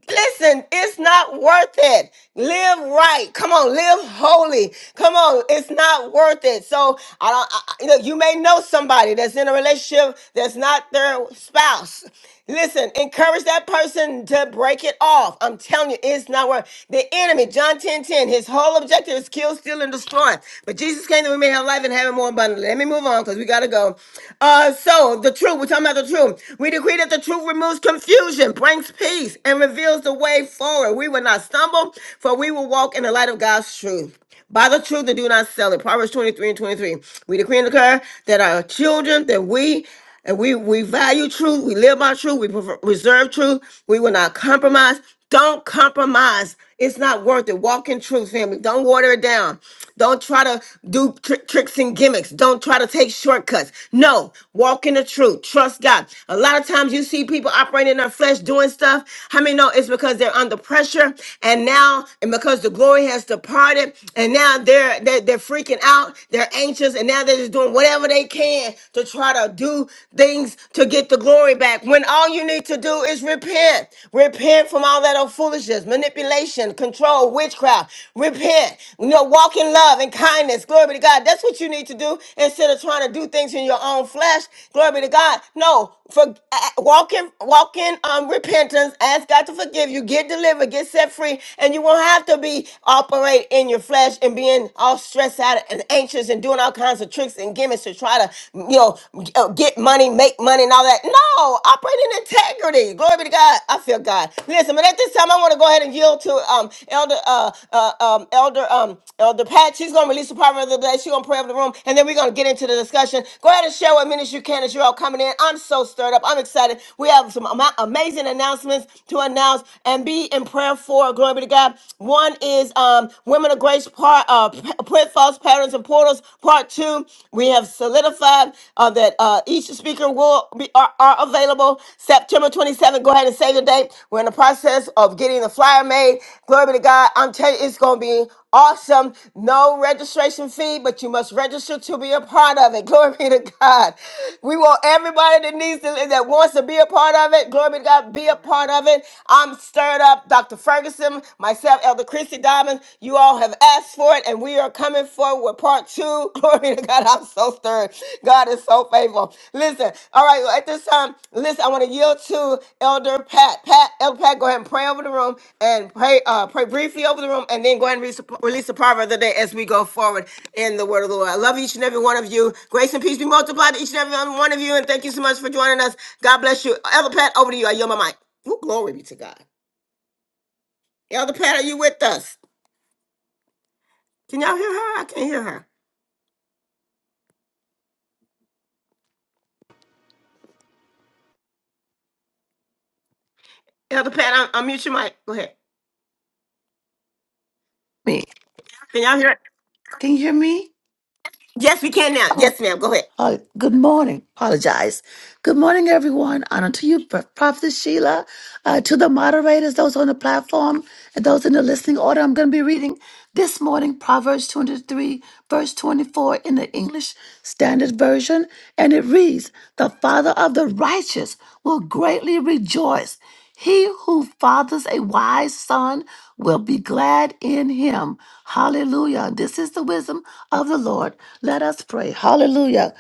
Speaker 1: Listen, it's not worth it. Live right. Come on, live holy. Come on, it's not worth it. So I don't. I, I- look, you may know somebody that's in a relationship that's not their spouse. Listen, encourage that person to break it off. I'm telling you, it's not worth. The enemy, John 10 10. his whole objective is kill, steal, and destroy. But Jesus came that we may have life and have it more abundantly. Let me move on because we gotta go. Uh, so the truth. We're talking about the truth. We decree that the truth removes confusion, brings peace peace and reveals the way forward. We will not stumble, for we will walk in the light of God's truth. By the truth and do not sell it. Proverbs 23 and 23. We decree and declare that our children, that we and we, we value truth, we live by truth, we prefer, reserve truth, we will not compromise. Don't compromise. It's not worth it. Walk in truth, family. Don't water it down. Don't try to do tr- tricks and gimmicks. Don't try to take shortcuts. No, walk in the truth. Trust God. A lot of times you see people operating in their flesh doing stuff. How many know it's because they're under pressure and now, and because the glory has departed, and now they're, they're, they're freaking out. They're anxious, and now they're just doing whatever they can to try to do things to get the glory back. When all you need to do is repent. Repent from all that that old foolishness, manipulation, control, witchcraft. Repent. You know, walk in love and kindness. Glory be to God. That's what you need to do instead of trying to do things in your own flesh. Glory be to God. No, for uh, walk in walk in um, repentance. Ask God to forgive you. Get delivered. Get set free, and you won't have to be operate in your flesh and being all stressed out and anxious and doing all kinds of tricks and gimmicks to try to you know g- uh, get money, make fake money and all that. No, operate in integrity. Glory be to God. I feel God. Listen, but at this time, I want to go ahead and yield to um Elder uh, uh um Elder um Elder Pat. She's gonna release the proverb of the day. She's gonna pray over the room, and then we're gonna get into the discussion. Go ahead and share what minutes you can as you're all coming in. I'm so stirred up. I'm excited. We have some ama- amazing announcements to announce and be in prayer for. Glory be to God. One is um Women of Grace part uh P- Print Falls patterns and portals. Part two, we have solidified uh, that uh, each speaker will be are, are available September 27th. Go ahead and save the date. We're in the process of getting the flyer made. Glory be to God. I'm telling you, it's going to be awesome. No registration fee, but you must register to be a part of it. Glory be to God. We want everybody that needs to that wants to be a part of it. Glory be to God, be a part of it. I'm stirred up. Dr. Ferguson, myself, Elder Christy Diamond. You all have asked for it, and we are coming forward with part two. Glory to God. I'm so stirred. God is so faithful. Listen, all right, well, at this time, listen, I want to yield to Elder Pat. Pat, Elder Pat, go ahead and pray over the room and pray, uh, pray briefly over the room, and then go ahead and release the release the proverb of the day as we go forward in the word of the Lord. I love each and every one of you. Grace and peace be multiplied to each and every one of you, and thank you so much for joining us. God bless you. Elder Pat, over to you. I yield my mic. Ooh, glory be to God. Elder Pat, are you with us? Can y'all hear her? I can't hear her. Elder Pat, I'm, mute your mic. Go ahead.
Speaker 16: me.
Speaker 1: Can y'all hear? It?
Speaker 16: Can you hear me?
Speaker 1: Yes, we can now.
Speaker 16: Oh,
Speaker 1: Yes, ma'am. Go ahead.
Speaker 16: Uh, good morning. Apologize. Good morning, everyone. Honor to you, Pro- Prophet Sheila, uh, to the moderators, those on the platform, and those in the listening order. I'm going to be reading this morning Proverbs 23, verse 24 in the English Standard Version. And it reads The father of the righteous will greatly rejoice. He who fathers a wise son will be glad in him. Hallelujah. This is the wisdom of the Lord. Let us pray. Hallelujah.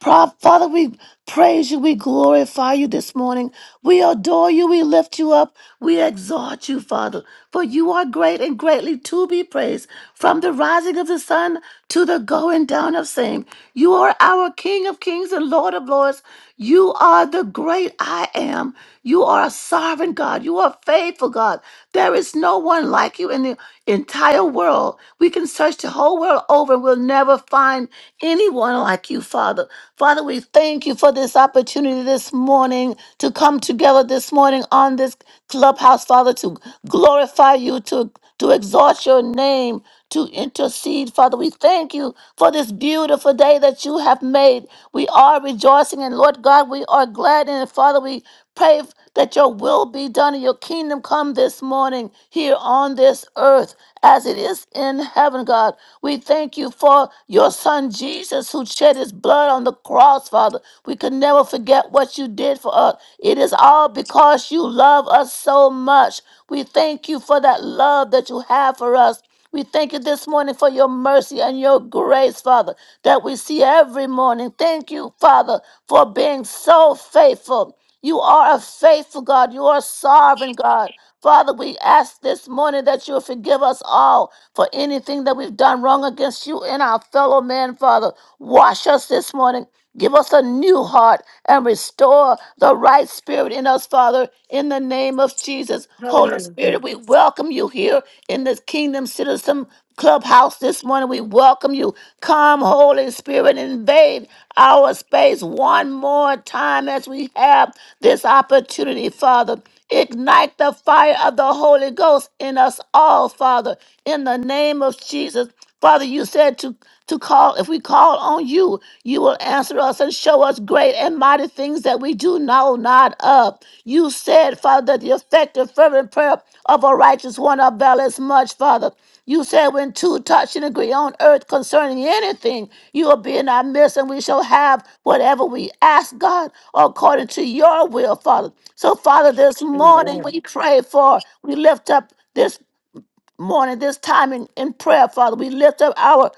Speaker 16: Pro- Father, we praise you. We glorify you this morning. We adore you. We lift you up. We exalt you, Father, for you are great and greatly to be praised. From the rising of the sun to the going down of same, you are our King of kings and Lord of lords. You are the great I am. You are a sovereign God. You are faithful God. There is no one like you in the entire world. We can search the whole world over and we'll never find anyone be one like you, Father. Father, we thank you for this opportunity this morning to come together this morning on this clubhouse, Father, to glorify you, to, to exalt your name, to intercede. Father, we thank you for this beautiful day that you have made. We are rejoicing, and Lord God, we are glad in it. Father, we pray that your will be done and your kingdom come this morning here on this earth as it is in heaven, God. We thank you for your son Jesus who shed his blood on the cross, Father. We can never forget what you did for us. It is all because you love us so much. We thank you for that love that you have for us. We thank you this morning for your mercy and your grace, Father, that we see every morning. Thank you, Father, for being so faithful. You are a faithful God. You are sovereign God. Father, we ask this morning that you'll forgive us all for anything that we've done wrong against you and our fellow man, Father. Wash us this morning. Give us a new heart and restore the right spirit in us, Father, in the name of Jesus. Holy Spirit, we welcome you here in this Kingdom Citizen Clubhouse this morning. We welcome you. Come, Holy Spirit, invade our space one more time as we have this opportunity, Father. Ignite the fire of the Holy Ghost in us all, Father, in the name of Jesus. Father, you said to, to call, if we call on you, you will answer us and show us great and mighty things that we do know not of. You said, Father, that the effective, fervent prayer prayer of a righteous one availeth much, Father. You said when two touch and agree on earth concerning anything, you will be in our midst, and we shall have whatever we ask God according to your will, Father. So, Father, this morning we pray for, we lift up this morning, this time in, in prayer, Father. We lift up our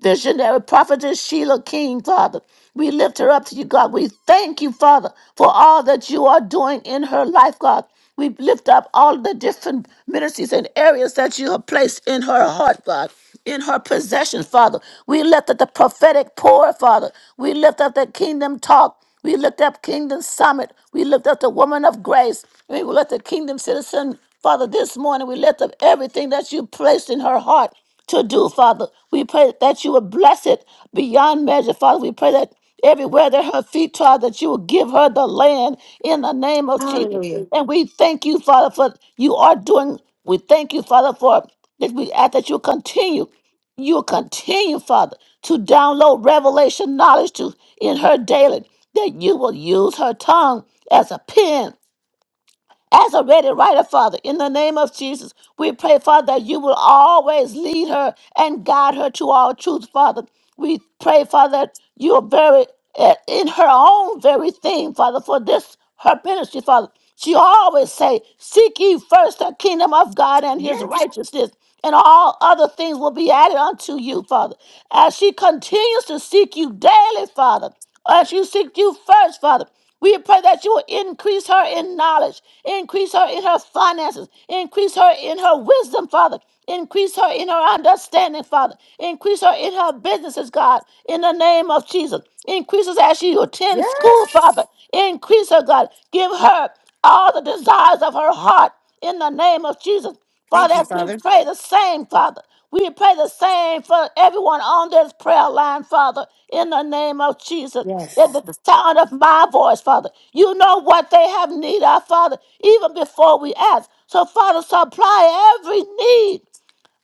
Speaker 16: visionary prophetess Sheila King, Father. We lift her up to you, God. We thank you, Father, for all that you are doing in her life, God. We lift up all the different ministries and areas that you have placed in her heart, God, in her possession, Father. We lift up the prophetic pour, Father. We lift up the kingdom talk. We lift up Kingdom Summit. We lift up the woman of grace. We lift up Kingdom Citizen. Father, this morning we lift up everything that you placed in her heart to do, Father. We pray that you would bless it beyond measure, Father. We pray that everywhere that her feet trod, that you will give her the land in the name of Jesus.
Speaker 1: Hallelujah.
Speaker 16: And we thank you, Father, for you are doing. We thank you, Father, for that we ask that you continue you continue, Father, to download revelation knowledge to in her daily, that you will use her tongue as a pen as a ready writer, Father, in the name of Jesus, we pray, Father, that you will always lead her and guide her to all truth, Father. We pray, Father, that you are very uh, in her own very thing, Father, for this her ministry, Father. She always say, "Seek ye first the kingdom of God and His righteousness." And all other things will be added unto you, Father. As she continues to seek you daily, Father, as you seek you first, Father. We pray that you will increase her in knowledge, increase her in her finances, increase her in her wisdom, Father. Increase her in her understanding, Father. Increase her in her businesses, God, in the name of Jesus. Increase us as she
Speaker 1: Yeah.
Speaker 16: attends school, Father. Increase her, God. Give her all the desires of her heart in the name of Jesus.
Speaker 1: Thank
Speaker 16: Father,
Speaker 1: you,
Speaker 16: as we
Speaker 1: Father.
Speaker 16: pray the same, Father. We pray the same for everyone on this prayer line, Father, in the name of Jesus. At
Speaker 1: Yes.
Speaker 16: the sound of my voice, Father. You know what they have need of, Father, even before we ask. So, Father, supply every need.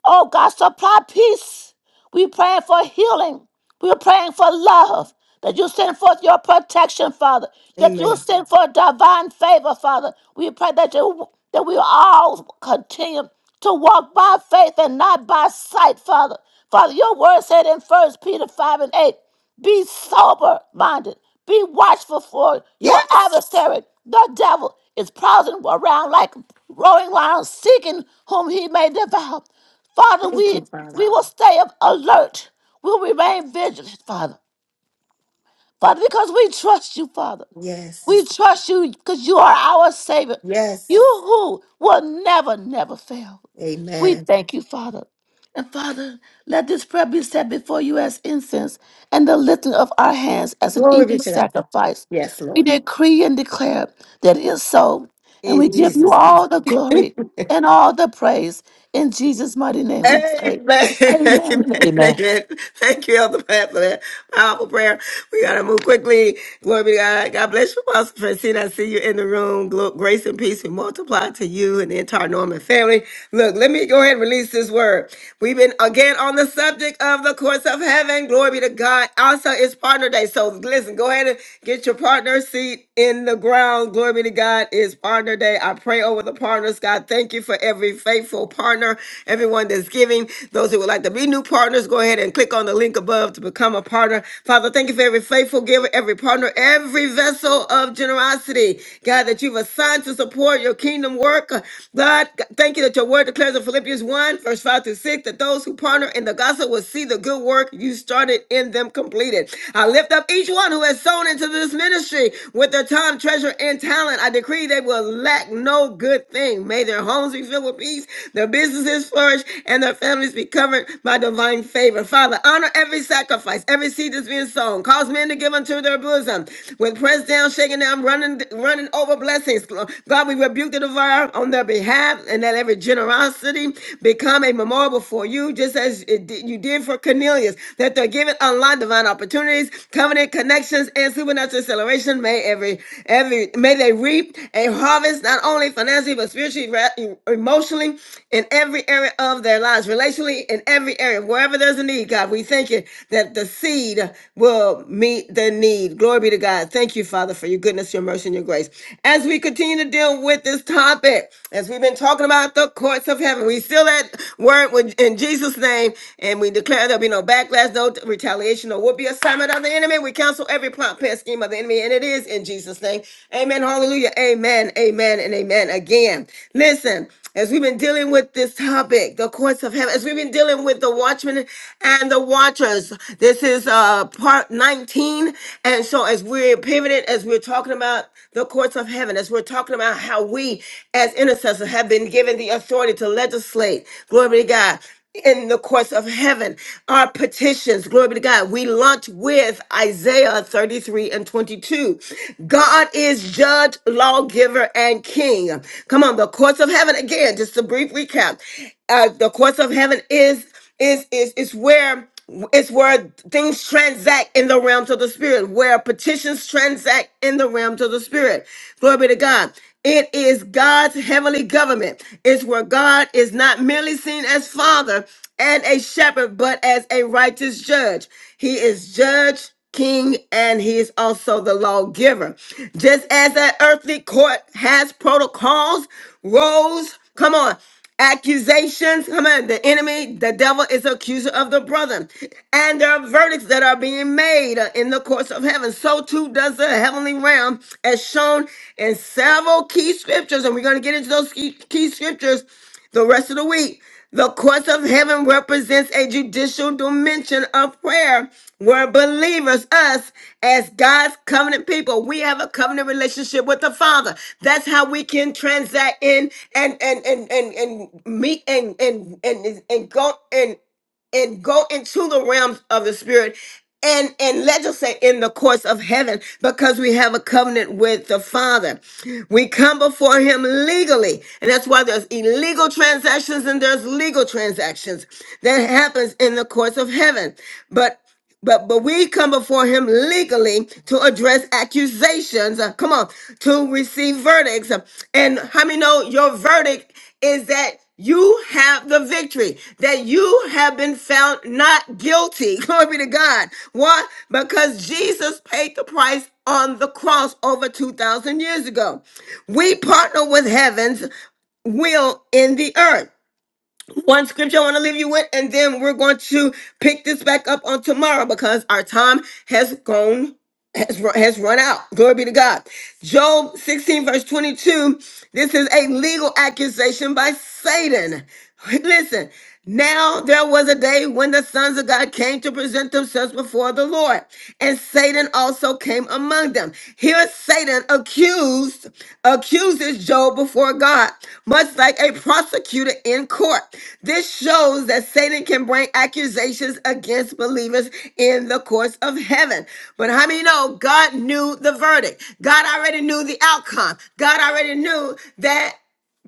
Speaker 16: Oh, God, supply peace. We're praying for healing. We're praying for love. That you send forth your protection, Father. That you send forth divine favor, Father. We pray that you that we all continue to walk by faith and not by sight, Father. Father, your word said in First Peter 5 and 8. Be sober minded. Be watchful for
Speaker 1: Yeah.
Speaker 16: your adversary. The devil is prowling around like a roaring lion, seeking whom he may devour. Father,
Speaker 1: Thank
Speaker 16: we,
Speaker 1: you, Father.
Speaker 16: we will stay up alert. We'll remain vigilant, Father. Father, because we trust you, Father.
Speaker 1: Yes.
Speaker 16: We trust you because you are our Savior.
Speaker 1: Yes.
Speaker 16: You who will never, never fail. We
Speaker 1: Amen.
Speaker 16: thank you, Father. And Father, let this prayer be set before you as incense and the lifting of our hands as an
Speaker 1: Glory be
Speaker 16: evening
Speaker 1: to God.
Speaker 16: sacrifice.
Speaker 1: Yes,
Speaker 16: We
Speaker 1: Lord.
Speaker 16: decree and declare that it is so, and we
Speaker 1: In
Speaker 16: give you
Speaker 1: Jesus'
Speaker 16: all
Speaker 1: name.
Speaker 16: the glory and all the praise. In Jesus' mighty name we
Speaker 1: Amen.
Speaker 16: pray. Amen.
Speaker 1: Amen.
Speaker 16: and Amen.
Speaker 1: Amen. Thank you, Elder Pat, for that powerful prayer. We got to move quickly. Glory be to God. God bless you, Pastor Francine. I see you in the room. Glo- Grace and peace be multiplied to you and the entire Norman family. Look, let me go ahead and release this word. We've been again on the subject of the courts of heaven. Glory be to God. Also, it's partner day. So listen, go ahead Get your partner seat in the ground. Glory be to God. It's partner day. I pray over the partners. God, thank you for every faithful partner, everyone that's giving. Those who would like to be new partners, go ahead and click on the link above to become a partner. Father, thank you for every faithful giver, every partner, every vessel of generosity. God, that you've assigned to support your kingdom work. God, thank you that your word declares in Philippians 1, verse 5 through 6, that those who partner in the gospel will see the good work you started in in them completed. I lift up each one who has sown into this ministry with their time, treasure, and talent. I decree they will lack no good thing. May their homes be filled with peace, their businesses flourish, and their families be covered by divine favor. Father, honor every sacrifice, every seed that's being sown. Cause men to give unto their bosom. With pressed down, shaken down, running, running over blessings. God, we rebuke the devourer on their behalf, and let every generosity become a memorial before you do just as it did, you did for Cornelius, that they're given unlocked divine opportunities, covenant connections, and supernatural acceleration. May every every may they reap a harvest not only financially but spiritually, ra- e, emotionally, in every area of their lives, relationally, in every area, wherever there's a need. God, we thank you that the seed will meet the need. Glory be to God. Thank you, Father, for your goodness, your mercy, and your grace. As we continue to deal with this topic, as we've been talking about up the courts of heaven. We seal that word with- in Jesus' name, and we declare there'll be no backlash, no retaliation, no will be assignment of the enemy. We cancel every plot, plan, scheme of the enemy, and it is in Jesus' name. Amen. Hallelujah. Amen. Amen. And amen. Again, listen. As we've been dealing with this topic, the courts of heaven, as we've been dealing with the watchmen and the watchers, this is uh part 19. And so as we're pivoted, as we're talking about the courts of heaven, as we're talking about how we as intercessors have been given the authority to legislate, glory be to God, in the courts of heaven, our petitions, glory be to God. We launch with Isaiah 33 and 22. God is judge, lawgiver, and king. Come on, the courts of heaven, again, just a brief recap. Uh, the courts of heaven is is is is where it's where things transact in the realms of the spirit, where petitions transact in the realms of the spirit. Glory be to God. It is God's heavenly government. It's where God is not merely seen as father and a shepherd, but as a righteous judge. He is judge, king, and he is also the lawgiver. Just as that earthly court has protocols, roles, Come on. Accusations, come on, the enemy, the devil is accuser of the brother. And there are verdicts that are being made uh, in the courts of heaven. So too does the heavenly realm, as shown in several key scriptures. And we're going to get into those key, key scriptures the rest of the week. The courts of heaven represents a judicial dimension of prayer where believers, us, as God's covenant people, we have a covenant relationship with the Father. That's how we can transact in and and and and, and meet and and and and go and and go into the realms of the spirit and and legislate in the courts of heaven because we have a covenant with the father we come before him legally and that's why there's illegal transactions and there's legal transactions that happens in the courts of heaven but but but we come before him legally to address accusations. uh, Come on, to receive verdicts. Uh, And how many know your verdict is that you have the victory, that you have been found not guilty. Glory be to God. Why? Because Jesus paid the price on the cross over 2,000 years ago. We partner with heaven's will in the earth one scripture I want to leave you with, and then we're going to pick this back up on tomorrow because our time has gone. Has run, has run out. Glory be to God. Job 16, verse 22. This is a legal accusation by Satan. Listen, now there was a day when the sons of God came to present themselves before the Lord, and Satan also came among them. Here Satan accused accused accuses Job before God, much like a prosecutor in court. This shows that Satan can bring accusations against believers in the courts of heaven. But how many know God knew the verdict? God already knew the outcome. God already knew that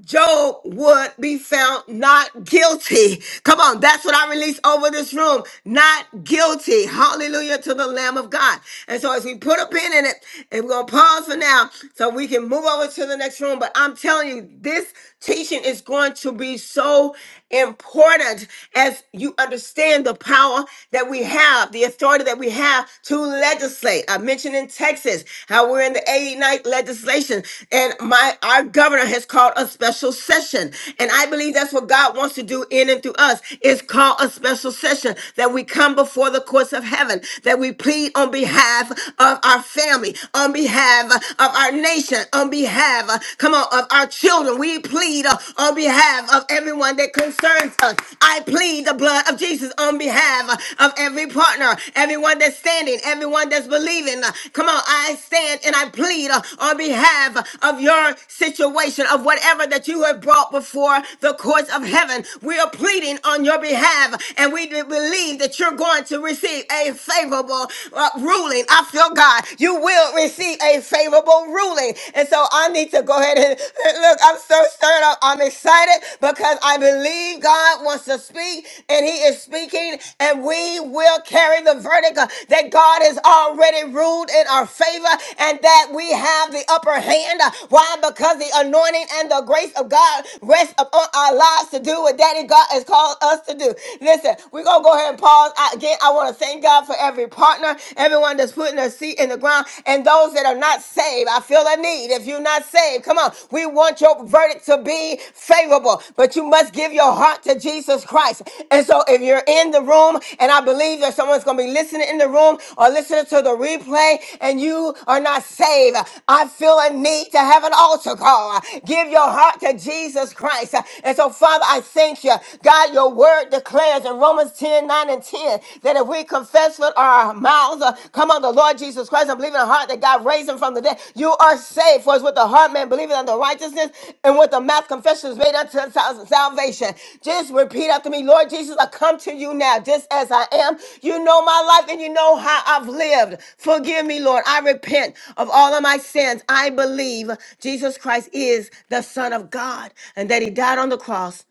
Speaker 1: Job would be found not guilty. Come on, that's what I release over this room. Not guilty. Hallelujah to the Lamb of God. And so, as we put a pin in it, and we're going to pause for now so we can move over to the next room. But I'm telling you, this teaching is going to be so important as you understand the power that we have, the authority that we have to legislate. I mentioned in Texas how we're in the 89th legislation, and my our governor has called a special session. And I believe that's what God wants to do in and through us is call a special session that we come before the courts of heaven, that we plead on behalf of our family, on behalf of our nation, on behalf, uh, come on, of our children. We plead uh, on behalf of everyone that concerns us. I plead the blood of Jesus on behalf uh, of every partner, everyone that's standing, everyone that's believing. Uh, Come on, I stand and I plead uh, on behalf of your situation, of whatever that you have brought before the courts of heaven. We are pleading on your behalf, and we do believe that you're going to receive a favorable uh, ruling. I feel God. You will receive a favorable favorable ruling. And so I need to go ahead and look, I'm so stirred up. I'm excited because I believe God wants to speak and He is speaking, and we will carry the verdict uh, that God has already ruled in our favor and that we have the upper hand. Uh, Why? Because the anointing and the grace of God rests upon our lives to do what Daddy God has called us to do. Listen, we're going to go ahead and pause. I, again, I want to thank God for every partner everyone that's putting a seat in the ground, and those that are not saved. I feel a need. If you're not saved, come on. We want your verdict to be favorable, but you must give your heart to Jesus Christ. And so if you're in the room, and I believe that someone's going to be listening in the room or listening to the replay, and you are not saved, I feel a need to have an altar call. Give your heart to Jesus Christ. And so, Father, I thank you. God, your word declares in Romans 10. Romans 10, 9, and 10, that if we confess with our mouths, uh, come on, the Lord Jesus Christ, and believe in our heart that God raised him from the dead, you are saved. For it's with the heart man believing unto righteousness, and with the mouth confession is made unto sal- salvation. Just repeat after me, Lord Jesus, I come to you now, just as I am. You know my life, and you know how I've lived. Forgive me, Lord. I repent of all of my sins. I believe Jesus Christ is the Son of God, and that he died on the cross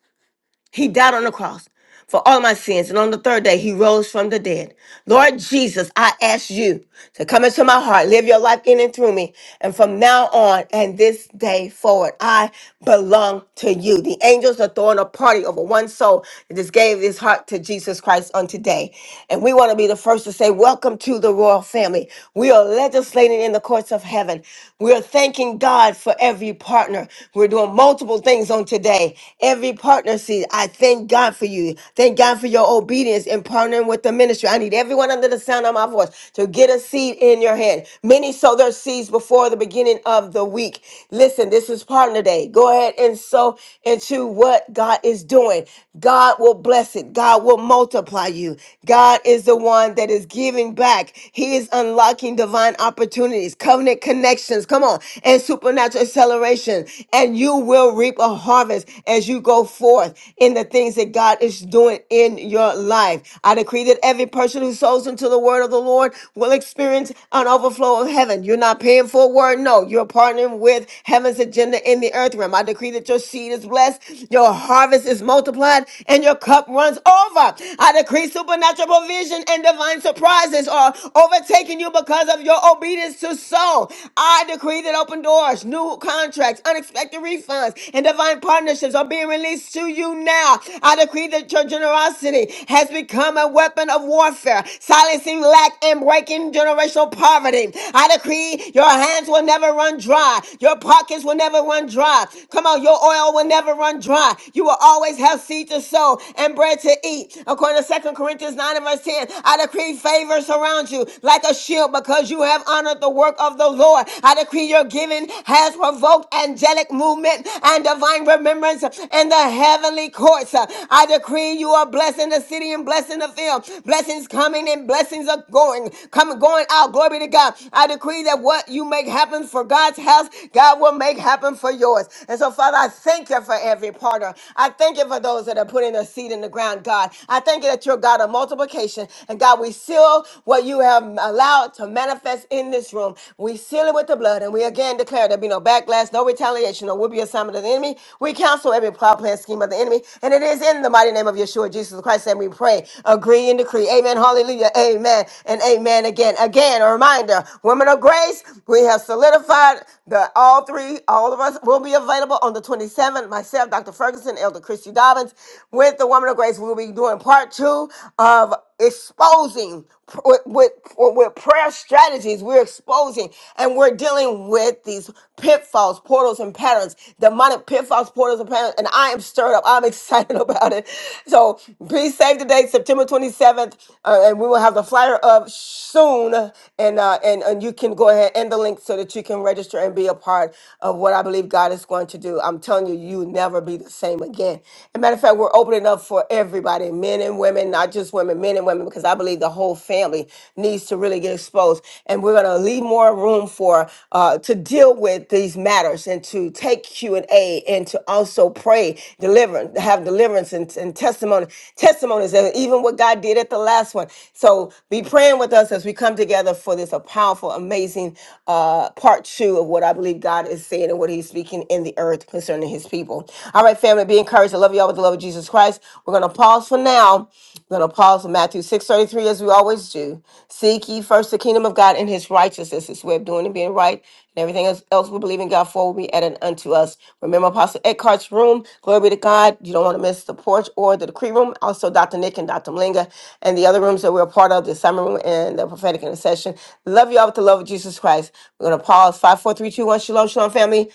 Speaker 1: he died on the cross for all my sins, and on the third day, he rose from the dead. Lord Jesus, I ask you to come into my heart, live your life in and through me. And from now on and this day forward, I belong to you. The angels are throwing a party over one soul that just gave his heart to Jesus Christ on today. And we want to be the first to say, Welcome to the royal family. We are legislating in the courts of heaven. We are thanking God for every partner. We're doing multiple things on today today. Every partner seed, I thank God for you. Thank God for your obedience in partnering with the ministry. I need everyone under the sound of my voice to get a seed in your hand. Many sow their seeds before the beginning of the week. Listen, this is partner day. Go ahead and sow into what God is doing. God will bless it. God will multiply you. God is the one that is giving back. He is unlocking divine opportunities, covenant connections. Come on, and supernatural acceleration. And you and you will reap a harvest as you go forth in the things that God is doing in your life. I decree that every person who sows into the word of the Lord will experience an overflow of heaven. You're not paying for a word, no. You're partnering with heaven's agenda in the earth realm. I decree that your seed is blessed, your harvest is multiplied, and your cup runs over. I decree supernatural provision and divine surprises are overtaking you because of your obedience to sow. I decree that open doors, new new contracts, unexpected refunds, and divine partnerships are being released to you now. I decree that your generosity has become a weapon of warfare, silencing lack and breaking generational poverty. I decree your hands will never run dry, your pockets will never run dry. Come on, your oil will never run dry. You will always have seed to sow and bread to eat. According to Second Corinthians 9 and verse 10, I decree favor surrounds you like a shield because you have honored the work of the Lord. I decree your giving has provoked angelic movement and divine remembrance in the heavenly courts. I decree you are blessing the city and blessing the field. Blessings coming and blessings are going, coming, going out. Glory to God. I decree that what you make happen for God's house, God will make happen for yours. And so, Father, I thank you for every partner. I thank you for those that are putting their seed in the ground, God. I thank you that you're God of multiplication. And God, we seal what you have allowed to manifest that's in this room. We seal it with the blood, and we again declare there be no backlash, no retaliation, no will be assignment of the enemy. We counsel every plot, plan, scheme of the enemy, and it is in the mighty name of Yeshua, Jesus Christ, that we pray, agree, and decree. Amen. Hallelujah. Amen. And amen again. Again, a reminder, women of grace, we have solidified that all three, all of us will be available on the 27th. Myself, Dr. Ferguson, Elder Christy Dobbins, with the woman of grace, we'll be doing part two of exposing pr- with, with, with prayer strategies, we're exposing and we're dealing with these pitfalls, portals, and patterns, demonic pitfalls, portals, and patterns. And I am stirred up. I'm excited about it. So be safe today, September 27th, uh, and we will have the flyer up soon. And, uh, and and you can go ahead and the link so that you can register and be a part of what I believe God is going to do. I'm telling you, you will never be the same again. As a matter of fact, we're opening up for everybody, men and women, not just women, men and women, because I I believe the whole family needs to really get exposed. And we're going to leave more room for uh, to deal with these matters and to take Q and A and to also pray, deliver, have deliverance and, and testimony, testimonies, and even what God did at the last one. So be praying with us as we come together for this a powerful, amazing uh, part two of what I believe God is saying and what He's speaking in the earth concerning His people. All right, family, be encouraged. I love you all with the love of Jesus Christ. We're going to pause for now we're going to pause in Matthew 6.33 as we always do. Seek ye first the kingdom of God and his righteousness, his way of doing and being right, and everything else, else we believe in God for will be added unto us. Remember Apostle Eckhart's room, glory be to God. You don't want to miss the porch or the decree room. Also Dr. Nick and Dr. Malinga and the other rooms that we're a part of, the summer room and the prophetic intercession. Love you all with the love of Jesus Christ. We're going to pause. Five, four, three, two, one. Shalom, shalom, family.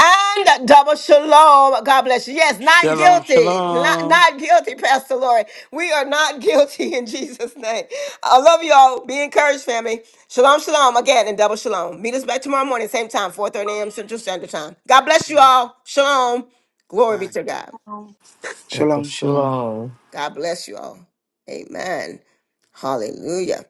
Speaker 1: And double shalom. God bless you. Yes, not
Speaker 3: Shalom,
Speaker 1: guilty. Not,
Speaker 3: shalom.
Speaker 1: not guilty, Pastor Lori. We are not guilty in Jesus' name. I love you all. Be encouraged, family. Shalom, shalom again, and double shalom. Meet us back tomorrow morning, same time, 4:30 a.m. Central Standard Time. God bless you all. Shalom. Glory be
Speaker 3: Bye.
Speaker 1: to God.
Speaker 17: Double
Speaker 4: Shalom, shalom.
Speaker 17: shalom.
Speaker 1: God bless you all. Amen. Hallelujah.